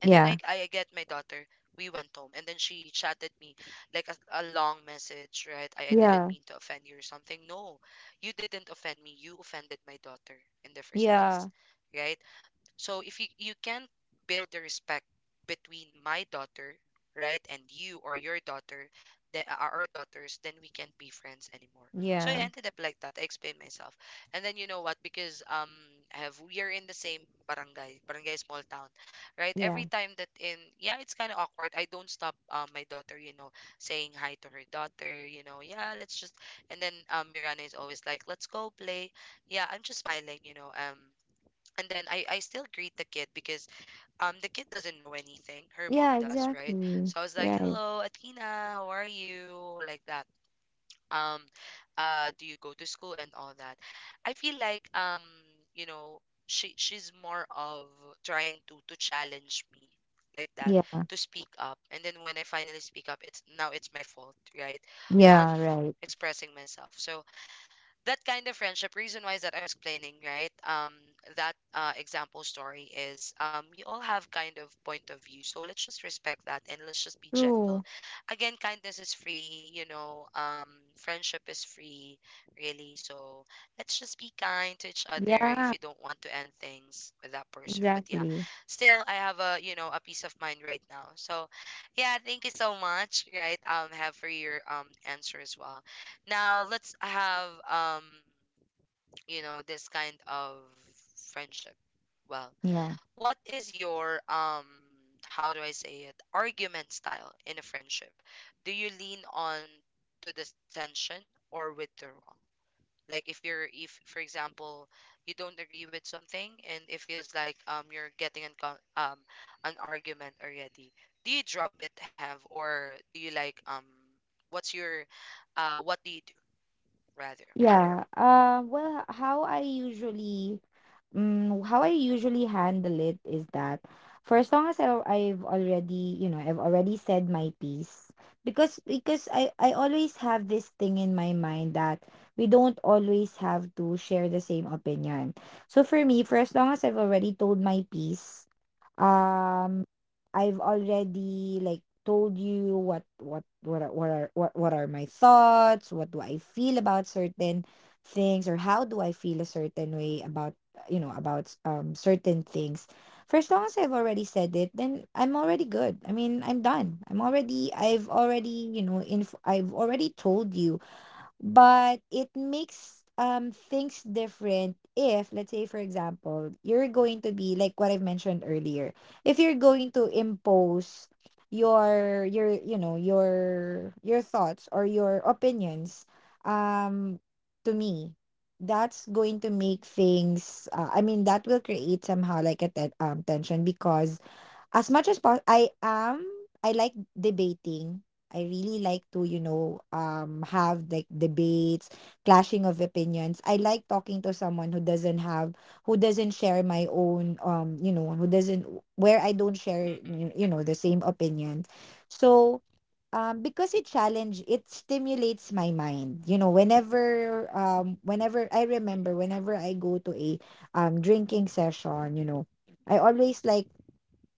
Speaker 1: and then I
Speaker 2: yeah,
Speaker 1: I get my daughter. We went home, and then she chatted me like a, a long message, right? I, I didn't
Speaker 2: yeah,
Speaker 1: mean to offend you or something. No, you didn't offend me. You offended my daughter in the first place,
Speaker 2: yeah,
Speaker 1: right? So if you you can not build the respect between my daughter, right, and you or your daughter, the uh, our daughters, then we can't be friends anymore. So I
Speaker 2: yeah,
Speaker 1: ended up like that. I explained myself, and then you know what? Because um, I have we are in the same barangay, barangay small town, right?
Speaker 2: yeah,
Speaker 1: Every time that in, yeah, it's kind of awkward. I don't stop um my daughter, you know, saying hi to her daughter, you know, yeah, let's just, and then um Mirana is always like, let's go play. Yeah, I'm just smiling, you know, um and then I, I still greet the kid because um the kid doesn't know anything. Her mom
Speaker 2: yeah,
Speaker 1: does, right?
Speaker 2: exactly.
Speaker 1: So I was like,
Speaker 2: Right.
Speaker 1: hello, Athena, how are you? Like that. Um uh do you go to school and all that? I feel like um, you know, she, she's more of trying to to challenge me like that,
Speaker 2: Yeah,
Speaker 1: to speak up. And then when I finally speak up, it's now it's my fault, right? On
Speaker 2: yeah, right.
Speaker 1: expressing myself. So that kind of friendship, reason why is that I'm explaining, right? um that uh, example story is, um you all have kind of point of view, so let's just respect that and let's just be gentle.
Speaker 2: True.
Speaker 1: Again, kindness is free, you know, um friendship is free, really. So let's just be kind to each other if
Speaker 2: Yeah,
Speaker 1: you don't want to end things with that person. But yeah,
Speaker 2: exactly.
Speaker 1: still I have, a you know, a peace of mind right now. So yeah, thank you so much, right, um have for your um answer as well. Now let's have, um you know, this kind of friendship. Well,
Speaker 2: Yeah.
Speaker 1: what is your um how do I say it, argument style in a friendship? Do you lean on to the tension or withdrawal? Like if you're, if for example, you don't agree with something and it feels like um you're getting an con- um an argument already, do you drop it, have or do you like um what's your uh what do you do rather?
Speaker 2: Yeah. Uh. Well, how I usually, um, how I usually handle it is that for as long as I, I've already, you know, I've already said my piece, because because I I always have this thing in my mind that we don't always have to share the same opinion. So for me, for as long as I've already told my piece, um, I've already like told you what what what are, what are what what are my thoughts, what do I feel about certain things, or how do I feel a certain way about uh, you know, about um certain things. For as long as I've already said it, then I'm already good. I mean, I'm done. I'm already I've already, you know, inf- I've already told you. But it makes um things different, if let's say for example you're going to be like what I've mentioned earlier. If you're going to impose your your you know, your your thoughts or your opinions um to me, that's going to make things, uh, I mean, that will create somehow like a, te- um, tension, because as much as po- I am I like debating. I really like to, you know, um have like debates, clashing of opinions. I like talking to someone who doesn't have who doesn't share my own, um, you know, who doesn't where I don't
Speaker 1: Mm-mm,
Speaker 2: share you
Speaker 1: mm-mm,
Speaker 2: you know the same opinion. So um because it challenge it stimulates my mind, you know, whenever, um whenever I
Speaker 1: mm-mm,
Speaker 2: remember whenever I go to a, um drinking session, you know, I always like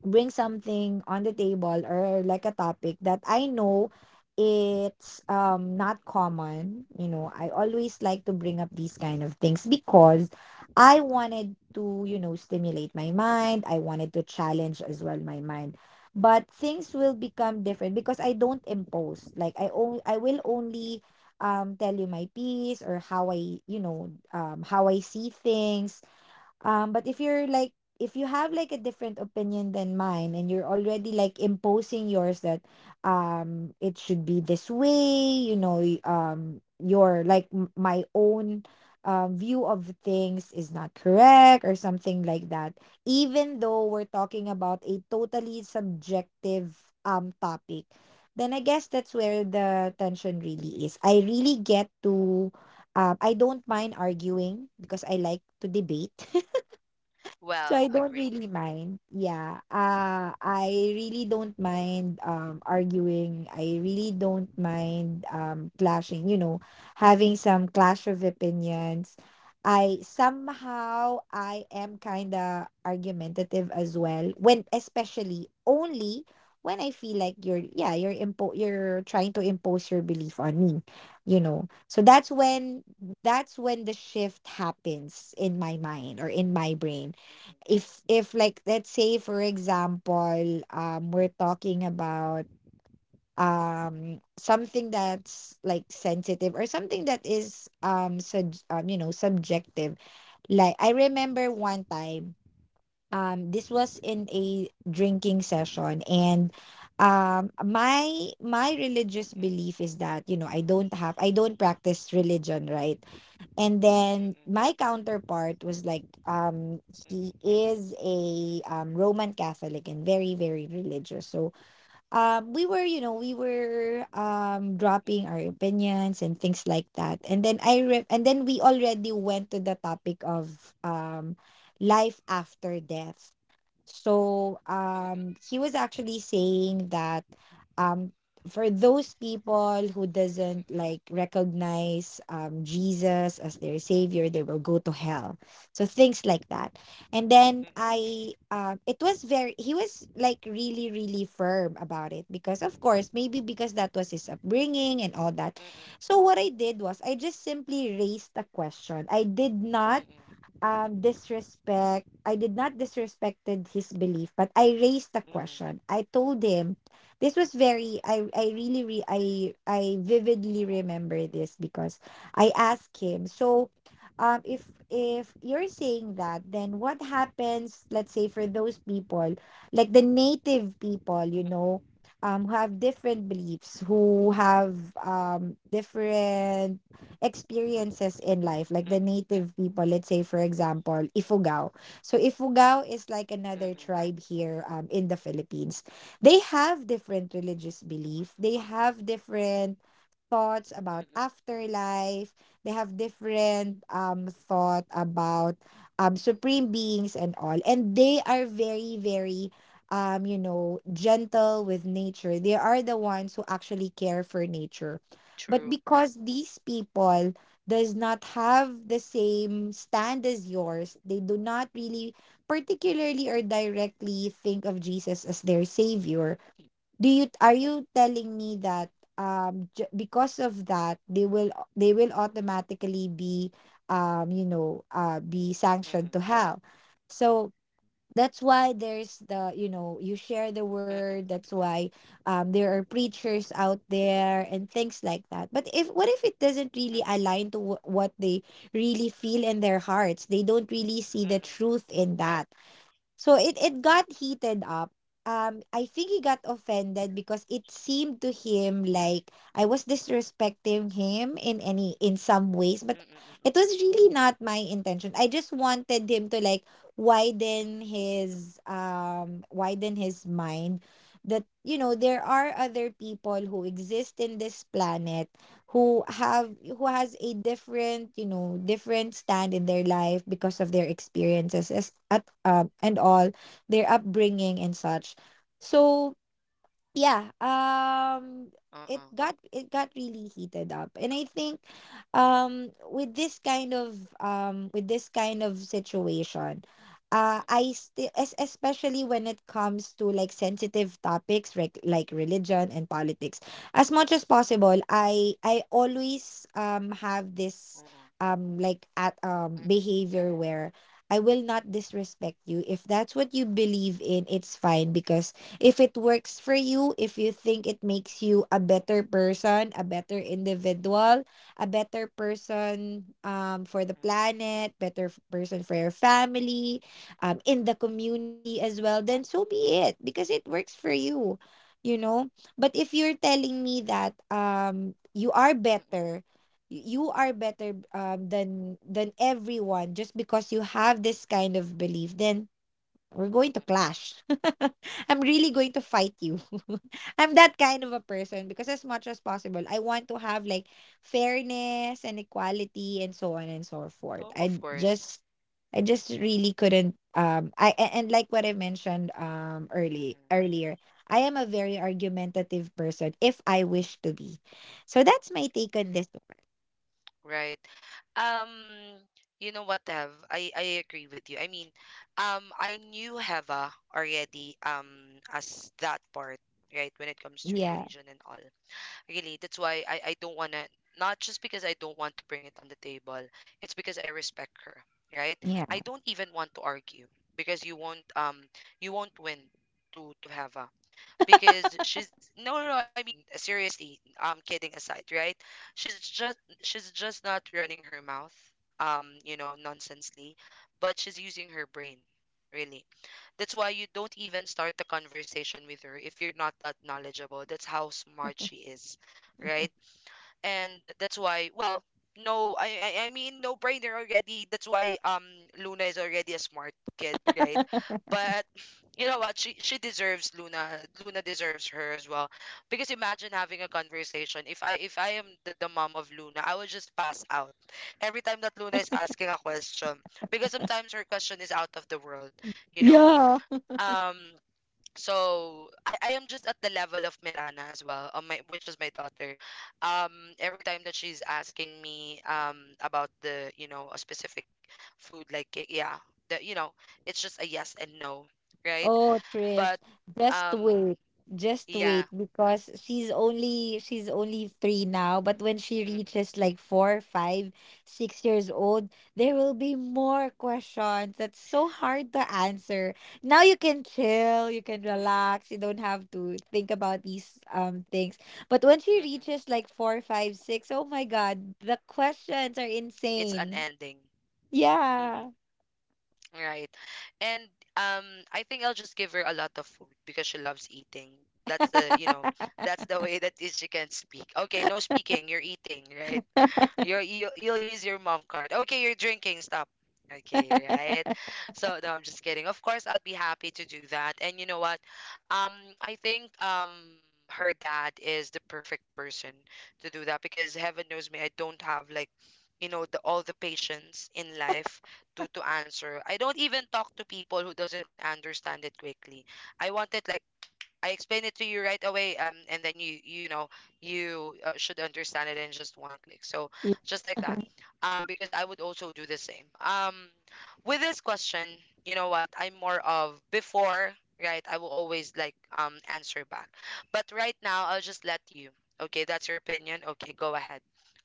Speaker 2: bring something on the table, or like a topic that I know it's um not common. You know, I always like to bring up these kind of things because I wanted to, you know,
Speaker 1: mm-mm,
Speaker 2: stimulate my mind. I wanted to challenge as well my mind. But things will
Speaker 1: mm-mm,
Speaker 2: become different because I don't impose. Like, I only I will only um tell you my piece, or how I, you know, um how I see things. um, but if you're like, if you have like a different opinion than mine, and you're already like imposing yours, that um it should be this way, you know, y- um your like m- my own um view of things is not correct or something like that. Even though we're talking about a totally subjective um topic, then I guess that's where the tension really is. I really get to um, I don't mind arguing because I like to debate. So I
Speaker 1: well,
Speaker 2: don't
Speaker 1: agree.
Speaker 2: really mind. Yeah. Uh I really don't mind um arguing. I really don't mind um clashing, you know, having some clash of opinions. I somehow I am kind of argumentative as well when, especially only when I feel like you're yeah, you're impo- you're trying to impose your belief on me, you know. So that's when that's when the shift happens in my mind, or in my brain. If if like, let's say for example, um we're talking about um something that's like sensitive, or something that is, um sub um you know, subjective. Like, I remember one time, um this was in a drinking session, and um my my religious belief is that, you know, i don't have I don't practice religion, right? And then my counterpart was like, um, he is a, um, Roman Catholic, and very, very religious. So um, we were, you know, we were, um, dropping our opinions and things like that. And then I re- and then we already went to the topic of, um, life after death. So um, he was actually saying that, um, for those people who doesn't like recognize, um, Jesus as their savior, they will go to hell. So things like that. And then I, um, it was very. He was like really, really firm about it because, of course, maybe because that was his upbringing and all that. So what I did was, I just simply raised a question. I did not um disrespect I did not disrespected his belief, but I raised the question. I told him, this was very, i i really re, i i vividly remember this, because I asked him, so, um if if you're saying that, then what happens, let's say, for those people, like the native people, you know, um who have different beliefs, who have um different experiences in life, like the native people, let's say, for example, Ifugao. So Ifugao is like another tribe here, um, in the Philippines. They have different religious belief. They have different thoughts about afterlife. They have different, um, thought about, um, supreme beings and all. And they are very, very, um, you know, gentle with nature. They are the ones who actually care for nature. But
Speaker 1: True.
Speaker 2: because these people does not have the same stand as yours, they do not really particularly or directly think of Jesus as their savior. Do you Are you telling me that, um ju- because of that, they will they will automatically be, um you know, uh be sanctioned to hell. So that's why there's the, you know, you share the word, that's why, um there are preachers out there and things like that. But if what if it doesn't really align to wh- what they really feel in their hearts? They don't really see the truth in that. So it it got heated up. Um, I think he got offended because it seemed to him like I was disrespecting him, in any in some ways, but it was really not my intention. I just wanted him to like widen his um widen his mind, that, you know, there are other people who exist in this planet, who have who has a different, you know, different stand in their life because of their experiences as at um and all, their upbringing and such. So yeah, um it got it got really heated up, and I think, um with this kind of um with this kind of situation, uh I still, especially when it comes to like sensitive topics, like like religion and politics, as much as possible, i i always um have this, um like at um behavior where I will not disrespect you. If that's what you believe in, it's fine because if it works for you, if you think it makes you a better person, a better individual, a better person um, for the planet, better f- person for your family, um, in the community as well, then so be it because it works for you, you know. But if you're telling me that um, you are better, y- you are better um, than than everyone just because you have this kind of belief, then we're going to clash. I'm really going to fight you. I'm that kind of a person because as much as possible, I want to have like fairness and equality and so on and so forth.
Speaker 1: Oh, of
Speaker 2: I
Speaker 1: course.
Speaker 2: just I just really couldn't um I a- and like what I mentioned um early
Speaker 1: Mm-mm.
Speaker 2: earlier, I am a very argumentative person if I wish to be. So that's my take on this one.
Speaker 1: Right. Um, you know what, Hev? I, I agree with you. I mean, um, I knew Heva already um as that part, right, when it comes to
Speaker 2: Yeah.
Speaker 1: religion and all. Really, that's why I, I don't wanna not just because I don't want to bring it on the table, it's because I respect her, right? I
Speaker 2: Yeah.
Speaker 1: don't even want to argue because you won't um you won't win to to have, because she's no no no, I mean seriously, um kidding aside, right, she's just she's just not running her mouth, um you know, nonsensely, but she's using her brain, really. That's why you don't even start the conversation with her if you're not that knowledgeable. That's how smart she is, right. And that's why, well, no, I, I I mean, no brainer already, that's why um Luna is already a smart kid, right. But you know what, she she deserves Luna. Luna deserves her as well, because imagine having a conversation, if I, if I am the, the mom of Luna, I would just pass out every time that Luna is asking a question, because sometimes her question is out of the world, you know.
Speaker 2: Yeah.
Speaker 1: um so I, I am just at the level of Mirana as well, on my which is my daughter. Um, every time that she's asking me um about the, you know, a specific food, like y- yeah, the, you know, it's just a yes and no, right?
Speaker 2: Oh,
Speaker 1: But
Speaker 2: Trish, just
Speaker 1: um
Speaker 2: wait. Just
Speaker 1: yeah,
Speaker 2: wait because she's only she's only three now, but when she
Speaker 1: mm-mm,
Speaker 2: reaches like four, five, six years old, there will be more questions. That's so hard to answer. Now you can chill, you can
Speaker 1: mm-mm,
Speaker 2: relax, you don't have to think about these um things. But when she
Speaker 1: mm-mm.
Speaker 2: reaches like four, five, six, oh my God, the questions are
Speaker 1: It's an
Speaker 2: insane.
Speaker 1: ending, mm-mm,
Speaker 2: Yeah.
Speaker 1: right? And um I think I'll just give her a lot of food because she loves eating. That's the, you know, that's the way that she can speak. Okay, no speaking, you're eating, right? You're, you you'll use your mom card. Okay, you're drinking. Stop. Okay, right. So no, I'm just kidding. Of course, I'd be happy to do that. And you know what? Um, I think um her dad is the perfect person to do that because heaven knows me, I don't have like, you know, the all the patience in life to to answer. I don't even talk to people who doesn't understand it quickly. I want it like, I explain it to you right away, um, and then you you know, you uh, should understand it in just one click. So just like that, um, because I would also do the same. Um, with this question, you know what? I'm more of before, right? I will always like um answer back, but right now I'll just let you. Okay, that's your opinion. Okay, go ahead.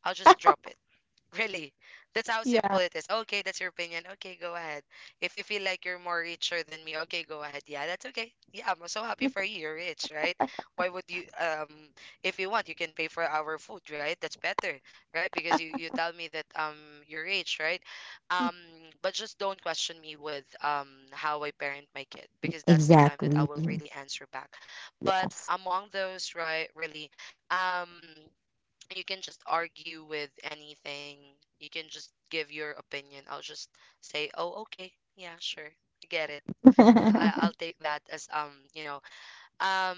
Speaker 1: I'll just drop it. Really, that's how simple
Speaker 2: Yeah.
Speaker 1: it is. Okay, that's your opinion. Okay, go ahead. If you feel like you're more richer than me, okay, go ahead. Yeah, that's okay. Yeah, I'm so happy for you. You're rich, right? Why would you? Um, if you want, you can pay for our food, right? That's better, right? Because you you tell me that um you're rich, right? Um, but just don't question me with um how I parent my kid, because that's the time that I
Speaker 2: Exactly.
Speaker 1: will really answer back. But
Speaker 2: Yes.
Speaker 1: among those, right? Really, um you can just argue with anything. You can just give your opinion. I'll just say, "Oh, okay. Yeah, sure. I get it. I I'll take that as um, you know, um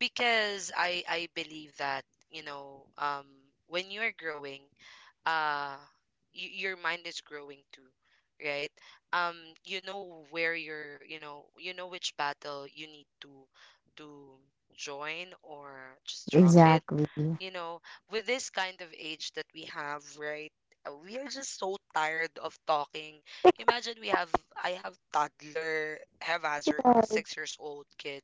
Speaker 1: because I I believe that, you know, um when you're growing, uh y- your mind is growing too, right? Um you know where you're, you know, you know which battle you need to to join or just drop it,
Speaker 2: Exactly.
Speaker 1: you know, with this kind of age that we have, right? uh, We are just so tired of talking. Imagine we have, I have toddler, have Hazard, six years old kid.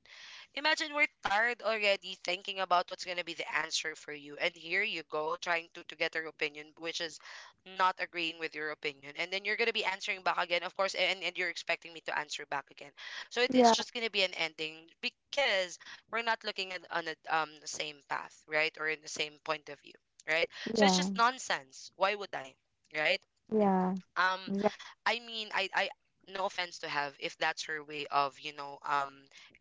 Speaker 1: Imagine we're tired already thinking about what's gonna be the answer for you, and here you go trying to to get her opinion, which is not agreeing with your opinion, and then you're gonna be answering back again, of course, and and you're expecting me to answer back again. So it,
Speaker 2: Yeah.
Speaker 1: it's
Speaker 2: Yeah.
Speaker 1: just gonna be an ending because we're not looking at on the um the same path, right? Or in the same point of view, right? So it's
Speaker 2: Yeah.
Speaker 1: just nonsense. Why would I, right?
Speaker 2: Yeah.
Speaker 1: Um,
Speaker 2: Exactly.
Speaker 1: I mean, I I no offense to have if that's her way of you know um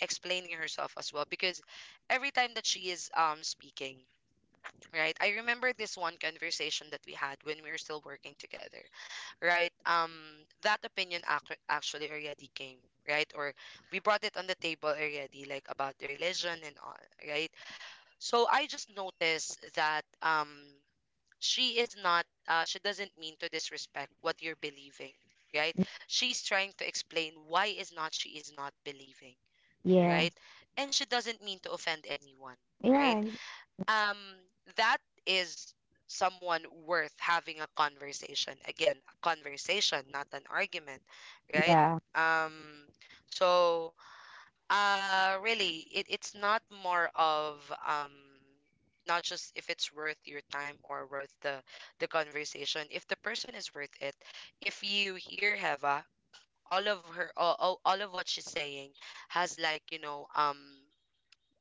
Speaker 1: explaining herself as well, because every time that she is um speaking, right, I remember this one conversation that we had when we were still working together, right um that opinion ac- actually already came, right, or we brought it on the table already, like about religion and all, right. So I just noticed that um she is not uh, she doesn't mean to disrespect what you're believing, right? She's trying to explain why is not she is not believing,
Speaker 2: Yeah.
Speaker 1: right? And she doesn't mean to offend anyone, right?
Speaker 2: Yeah. Ex-
Speaker 1: Um that is someone worth having a conversation. Again, a conversation, not an argument, right?
Speaker 2: Yeah.
Speaker 1: Um so uh, really, it, it's not more of um not just if it's worth your time or worth the the conversation. If the person is worth it, if you hear Heva, all of her all, all all of what she's saying has like, you know, um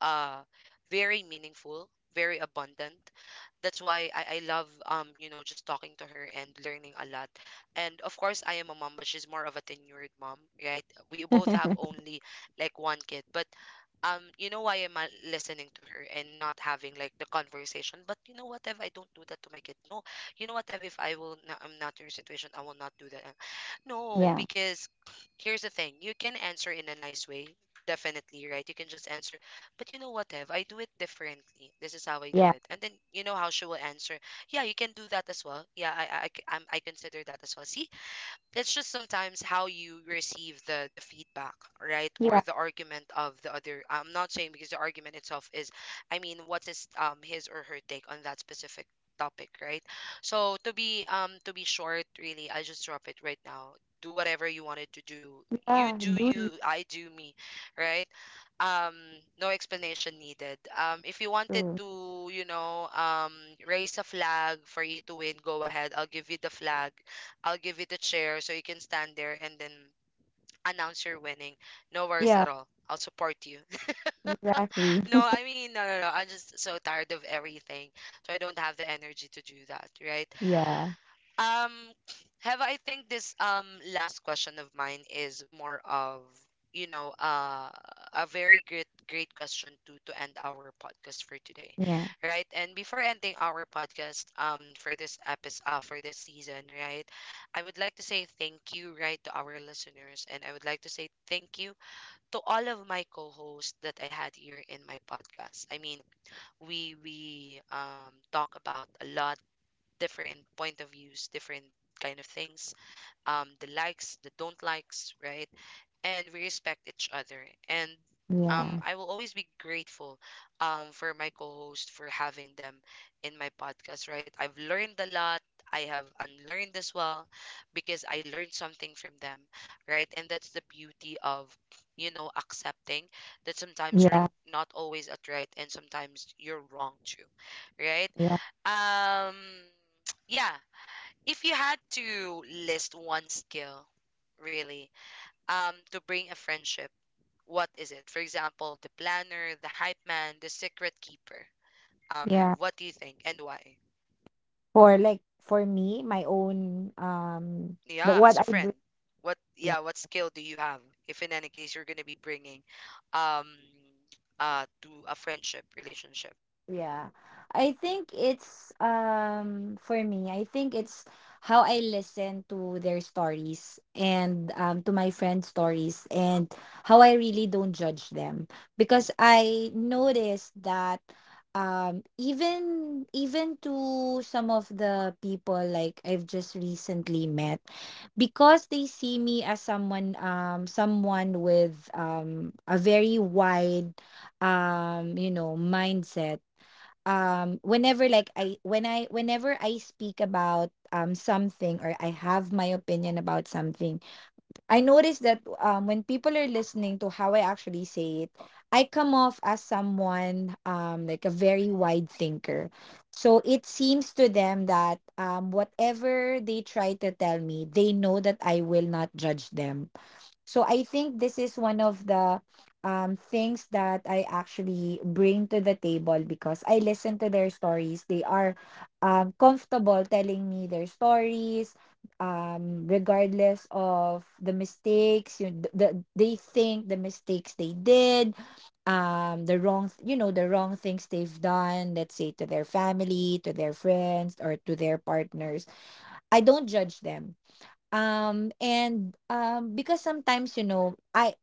Speaker 1: uh very meaningful, very abundant. That's why I, I love um, you know, just talking to her and learning a lot. And of course I am a mom, but she's more of a tenured mom, right? We both have only like one kid. But um, you know, why am I listening to her and not having like the conversation? But you know what, if I don't do that to my kid, no, you know what, Ev, if I will, not, I'm not in your situation, I will not do that. No,
Speaker 2: Yeah.
Speaker 1: because here's the thing, you can answer in a nice way, definitely, right? You can just answer, but you know what, Ev? I do it differently. This is how I do
Speaker 2: Yeah.
Speaker 1: it. And then you know how she will answer. Yeah, you can do that as well. Yeah, I I, I c- I'm- I consider that as well. See, it's just sometimes how you receive the the feedback, right, or
Speaker 2: Yeah.
Speaker 1: the argument of the other. I'm not saying because the argument itself is, I mean, what's his um his or her take on that specific topic, right? So to be um to be short, really, I just drop it right now. Do whatever you wanted to do. You
Speaker 2: Yeah.
Speaker 1: do
Speaker 2: Do you?
Speaker 1: you, I do me, right? um no explanation needed. Um if you wanted
Speaker 2: Too.
Speaker 1: to, you know um raise a flag for you to win, go ahead, I'll give you the flag. I'll give you the chair so you can stand there and then announce you're winning. No worries at
Speaker 2: Yeah.
Speaker 1: all. I'll support you.
Speaker 2: Exactly.
Speaker 1: No, I mean, no, no, no. I'm just so tired of everything. So I don't have the energy to do that, right?
Speaker 2: Yeah.
Speaker 1: Um, have, I think this um last question of mine is more of, you know uh a very great great question to to end our podcast for today,
Speaker 2: Yeah.
Speaker 1: right? And before ending our podcast um for this episode, uh, for this season, right? I would like to say thank you, right, to our listeners, and I would like to say thank you to all of my co-hosts that I had here in my podcast. I mean, we we um talk about a lot different point of views, different kind of things, um, the likes, the don't likes, right? And we respect each other. And um,
Speaker 2: Yeah.
Speaker 1: I will always be grateful um, for my co-host for having them in my podcast. Right, I've learned a lot. I have unlearned as well because I learned something from them. Right, and that's the beauty of, you know, accepting that sometimes you're
Speaker 2: Yeah.
Speaker 1: not always at right and sometimes you're wrong too. Right.
Speaker 2: Yeah.
Speaker 1: Um, yeah. If you had to list one skill, really, um, to bring a friendship. What is it? For example, the planner, the hype man, the secret keeper. Um, Have,
Speaker 2: Yeah.
Speaker 1: what do you think and why?
Speaker 2: For like for me, my own um the
Speaker 1: Yeah,
Speaker 2: what
Speaker 1: as a
Speaker 2: I
Speaker 1: friend,
Speaker 2: bring.
Speaker 1: what yeah,
Speaker 2: Yeah.
Speaker 1: what skill do you have if in any case you're gonna be bringing, um, uh, to a friendship relationship?
Speaker 2: Yeah. I think it's um for me, I think it's how I listen to their stories and um to my friends' stories and how I really don't judge them because I noticed that um even even to some of the people like I've just recently met because they see me as someone um someone with um a very wide um you know mindset um whenever like I when I whenever I speak about um something or I have my opinion about something. I notice that um when people are listening to how I actually say it, I come off as someone um like a very wide thinker, so it seems to them that um whatever they try to tell me, they know that I will not judge them. So I think this is one of the um, things that I actually bring to the table because I listen to their stories. They are um, comfortable telling me their stories, um, regardless of the mistakes. You the, the they think the mistakes they did, um, the wrong th- you know the wrong things they've done. Let's say to their family, to their friends, or to their partners. I don't judge them. Um, and, um, because sometimes, you know, I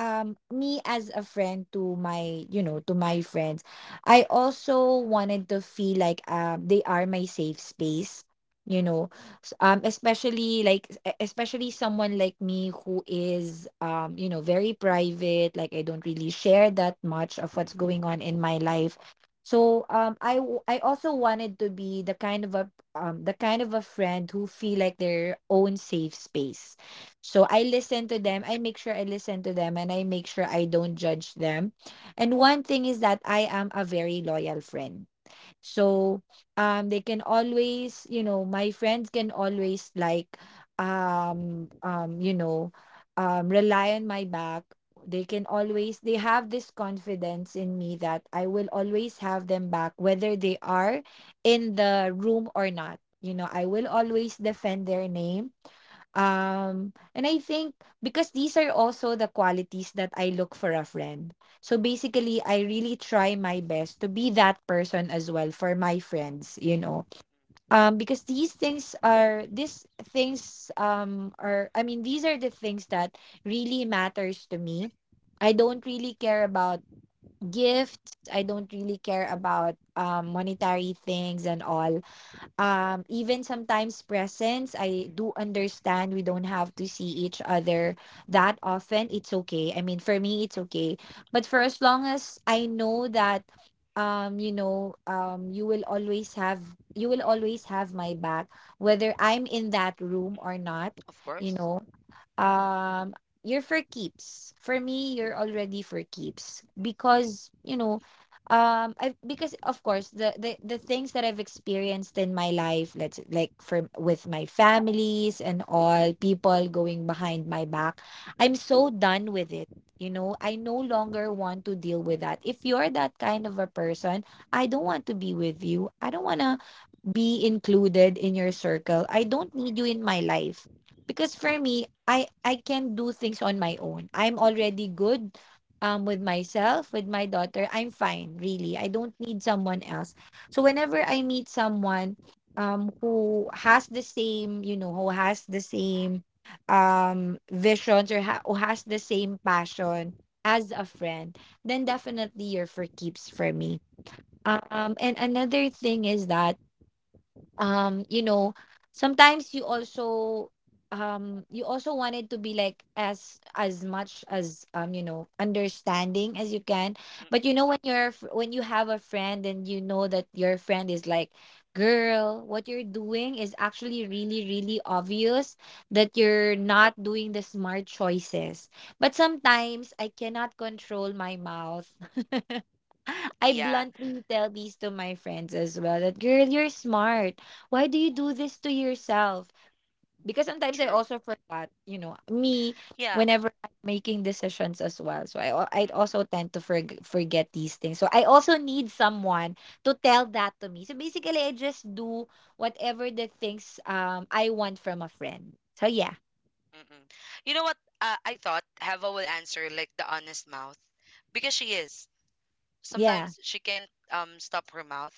Speaker 2: um me as a friend to my you
Speaker 1: Mm,
Speaker 2: know to my friends, I also wanted to feel like um they are my safe space, you know. S- um especially like e- especially someone like me who is um you know very private, like I don't really share that much of
Speaker 1: mm, mm,
Speaker 2: what's going on
Speaker 1: mm,
Speaker 2: in my life. So um i w- I also wanted to be the kind of a um the kind of a friend who feel like their own safe space. So I listen to them. I make sure I listen to them and I make sure I don't judge them. And one thing is that I am a very loyal friend. So um they can always, you know, my friends can always like um um you know um rely on my back. They can always they have this confidence in me that I will always have them back whether they are in the room or not. You know, I will always defend their name, um, and I think because these are also the qualities that I look for a friend. So basically, I really try my best to be that person as well for my friends, you know. Um, because these things are these things um are I mean these are the things that really matters to me. I don't really care about gifts. I don't really care about um monetary things and all. Um, even sometimes presence, I do understand we don't have to see each other that often. It's okay. I mean, for me, it's okay. But for as long as I know that, um, you know, um, you will always have you will always have my back, whether I'm in that room or not.
Speaker 1: mm. Of
Speaker 2: You
Speaker 1: course.
Speaker 2: know, um you're for keeps for me, you're already for keeps because you know, um I because of course the, the the things that I've experienced in my life, let's like for with my families and all people going behind my back, I'm so done with it. You know, I no longer want to deal with that. If you're that kind of a person, I don't want to be with you. I don't want to be included in your circle. I don't need you in my life because for me, I I can do things on my own. I'm already good um with myself, with my daughter. I'm fine, really. I don't need
Speaker 1: Mm,
Speaker 2: someone
Speaker 1: mm.
Speaker 2: else. So whenever I meet someone um who has the same, you know, who has the same um visions or ha- who has the same passion as a friend, then definitely you're for keeps for me. Um, and another thing is that um you know sometimes you also um you also wanted to be like as as much as um you know understanding as you can. But you know when you're f- when you have a friend and you know that your friend is like, girl, what you're doing is actually really really obvious, that you're not doing the smart choices. But sometimes I cannot control my mouth. I
Speaker 1: Yeah,
Speaker 2: bluntly tell these to my friends as well that, girl, you're smart. Why do you do this to yourself? Because sometimes I
Speaker 1: true.
Speaker 2: also forgot, you know, me
Speaker 1: Yeah.
Speaker 2: whenever I'm making decisions as well. So I al- I
Speaker 1: Mm-mm,
Speaker 2: also tend to forg forget these things. So I also need someone to tell that to me. So basically, I just do whatever the things um I want from a friend. So yeah,
Speaker 1: mm-mm. You know what? Uh, I thought Hava will answer like the honest mouth because she is.
Speaker 2: yeah,
Speaker 1: Sometimes she can't um stop her mouth.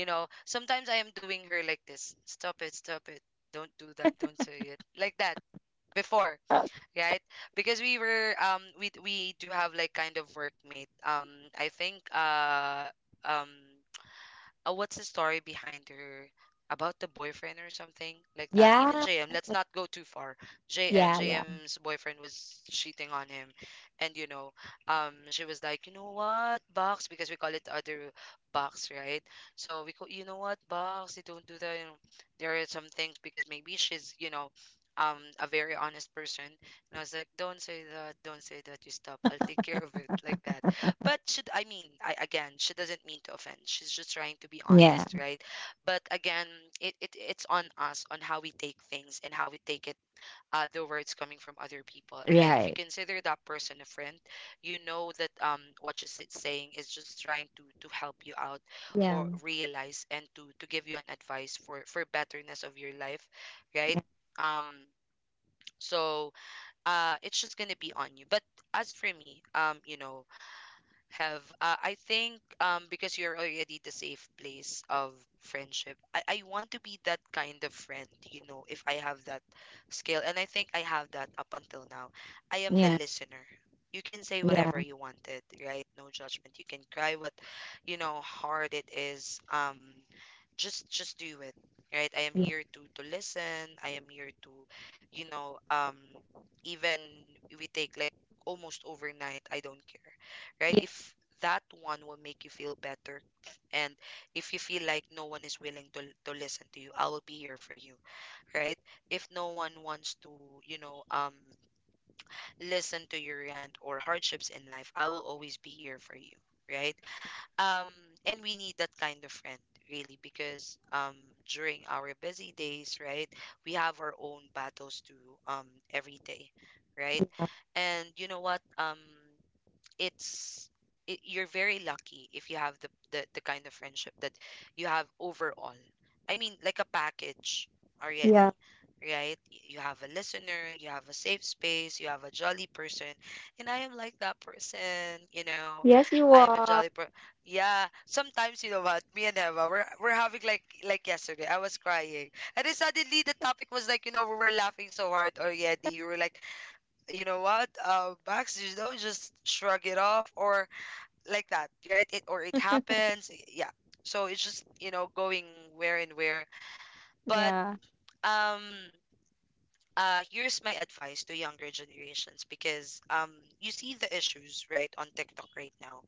Speaker 1: You know, sometimes I am doing her like this, stop it, stop it, don't do that, don't say it like that, before, right? Because we were um we we do have like kind of workmate. Um I think uh um uh, what's the story behind her about the boyfriend or something like that. Even
Speaker 2: yeah,
Speaker 1: J M, let's not go too far. J M,
Speaker 2: yeah, yeah,
Speaker 1: J M's boyfriend was cheating on him, and you know, um, she was like, you know what, box, because we call it other box, right? So we call, you know what, box, you don't do that. You know, there are some things because maybe she's, you know. Um, a very honest person, and I was like, "Don't say that, don't say that. You stop. I'll take care of it." Like that. But should I mean, I again, she doesn't mean to offend. She's just trying to be
Speaker 2: yeah.
Speaker 1: honest, right? But again, it, it it's on us on how we take things and how we take it, uh the words coming from other people. Again, if you
Speaker 2: Right.
Speaker 1: consider that person a friend, you know that um what she's saying is just trying to to help you out or
Speaker 2: Yeah.
Speaker 1: realize and to to give you an advice for for betterness of your life, right? Um so uh it's just gonna be on you. But as for me, um, you know, have, uh, I think um because you're already the safe place of friendship, I, I want to be that kind of friend. You know, if I have that skill, and I think I have that up until now, I am the
Speaker 2: Yeah.
Speaker 1: listener. You can say
Speaker 2: Yeah.
Speaker 1: whatever you wanted, right, no judgment. You can cry, what, you know, hard it is. um just just do it, right. I am here to to listen, I am here to, you know um even if we take like almost overnight, I don't care, right?
Speaker 2: Yeah.
Speaker 1: If that one will make you feel better, and if you feel like no one is willing to, to listen to you, I will be here for you, right? If no one wants to, you know, um, listen to your rant or hardships in life, I will always be here for you, right? Um, and we need that kind of friend, really, because um, during our busy days, right, we have our own battles to um every day, right? And you know what? Um, it's it, you're very lucky if you have the, the the kind of friendship that you have overall. I mean, like a package
Speaker 2: Yeah.
Speaker 1: already, right? Y- You have a listener, you have a safe space, you have a jolly person, and I am like that person. You know,
Speaker 2: Yes, you
Speaker 1: I am a
Speaker 2: are.
Speaker 1: jolly person. Yeah, sometimes you know what? Me and Eva, we're we're having like like yesterday. I was crying, and then suddenly the topic was like, you know, we were laughing so hard already. We were like, you know what, uh Bax, you don't just shrug it off or like that, right, it or it happens, yeah. So it's just, you know, going where and where, but
Speaker 2: Yeah,
Speaker 1: um uh here's my advice to younger generations, because um you see the issues right on TikTok right now.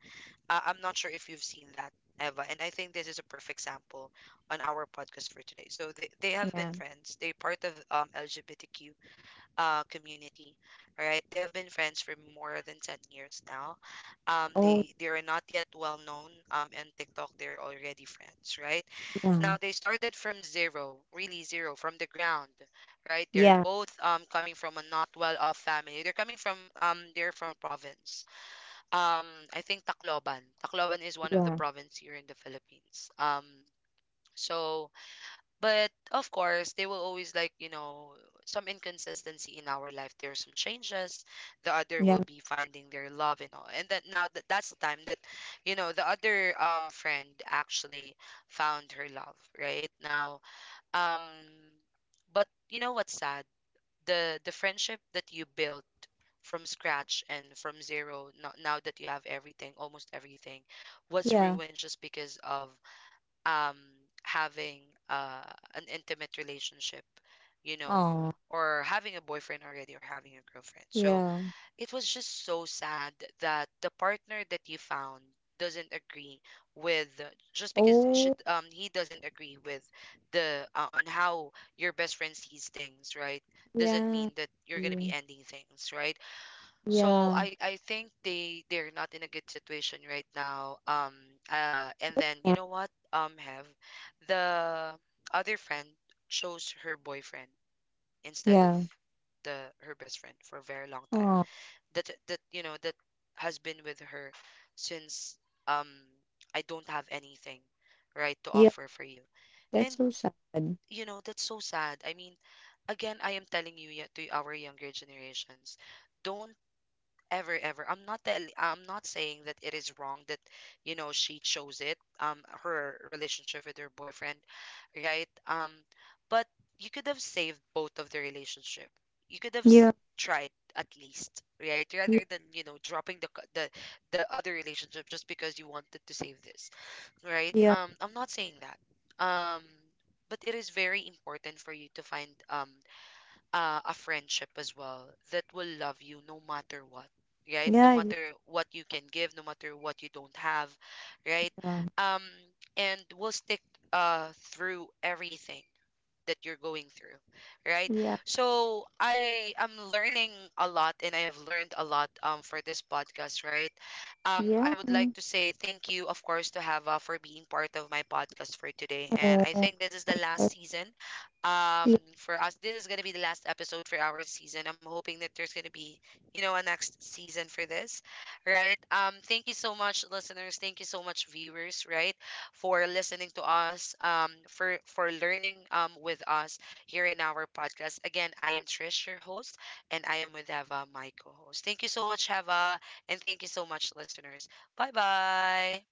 Speaker 1: uh, I'm not sure if you've seen that, Eva, and I think this is a perfect sample on our podcast for today. So they, they have been
Speaker 2: yeah.
Speaker 1: friends, they're part of um L G B T Q uh, community, right? They have been friends for more than ten years now. Um,
Speaker 2: Oh,
Speaker 1: they, they are not yet well known um, in TikTok. They're already friends, right?
Speaker 2: yeah,
Speaker 1: Now they started from zero, really zero, from the ground, right? They're
Speaker 2: yeah,
Speaker 1: both um, coming from a not well-off family. They're coming from um, they're from province. Um, I think Tacloban. Tacloban is one of the
Speaker 2: yeah,
Speaker 1: province here in the Philippines. Um, so but of course, they will always like, you know, some inconsistency in our life. There are some changes. The other
Speaker 2: yeah,
Speaker 1: will be finding their love and all. And that now that that's the time that, you know, the other um friend actually found her love, right? Now, um but you know what's sad? The the friendship that you built from scratch and from zero no- now that you have everything, almost everything, was
Speaker 2: yeah.
Speaker 1: ruined just because of um having uh an intimate relationship, you know,
Speaker 2: Oh,
Speaker 1: or having a boyfriend already or having a girlfriend. So
Speaker 2: yeah.
Speaker 1: it was just so sad that the partner that you found doesn't agree with, just because she
Speaker 2: Oh,
Speaker 1: um he doesn't agree with the, uh, on how your best friend sees things, right? Doesn't mean
Speaker 2: yeah,
Speaker 1: that you're going to
Speaker 2: yeah,
Speaker 1: be ending things, right? So
Speaker 2: yeah,
Speaker 1: I I think they they're not in a good situation right now. Um uh and then, you
Speaker 2: yeah.
Speaker 1: know what? Um Have the other friend chose her boyfriend instead of
Speaker 2: Yeah.
Speaker 1: the her best friend for a very long time.
Speaker 2: Oh,
Speaker 1: That that you know that has been with her since, um I don't have anything right to
Speaker 2: yeah.
Speaker 1: offer for you.
Speaker 2: That's
Speaker 1: And
Speaker 2: so sad.
Speaker 1: you know, that's so sad. I mean, again, I am telling you yet to our younger generations, don't ever ever, i'm not tell- I'm not saying that it is wrong that, you know, she chose it, um her relationship with her boyfriend, right. Um but you could have saved both of the relationship, you could have s-
Speaker 2: Yeah,
Speaker 1: tried at least, right,
Speaker 2: yeah,
Speaker 1: rather than, you know, dropping the c- the the other relationship just because you wanted to save this, right.
Speaker 2: yeah,
Speaker 1: um I'm not saying that, um but it is very important for you to find um uh, a friendship as well that will love you no matter what, right, no
Speaker 2: yeah,
Speaker 1: matter what you can give, no matter what you don't have, right.
Speaker 2: yeah,
Speaker 1: um and will stick uh through everything that you're going through, right?
Speaker 2: yeah.
Speaker 1: So I am learning a lot, and I have learned a lot um for this podcast, right? Um I
Speaker 2: Yeah.
Speaker 1: would like to say thank you, of course, to Hava for being part of my podcast for today. And I
Speaker 2: Oh,
Speaker 1: think this is
Speaker 2: I
Speaker 1: the last
Speaker 2: guess.
Speaker 1: season. Um for us, this is going to be the last episode for our season. I'm hoping that there's going to be, you know, a next season for this, right. Um thank you so much, listeners, thank you so much, viewers, right, for listening to us, um, for for learning um with us here in our podcast. Again, I am Trish, your host, and I am with Eva, my co-host. Thank you so much, Eva, and thank you so much, listeners. Bye bye.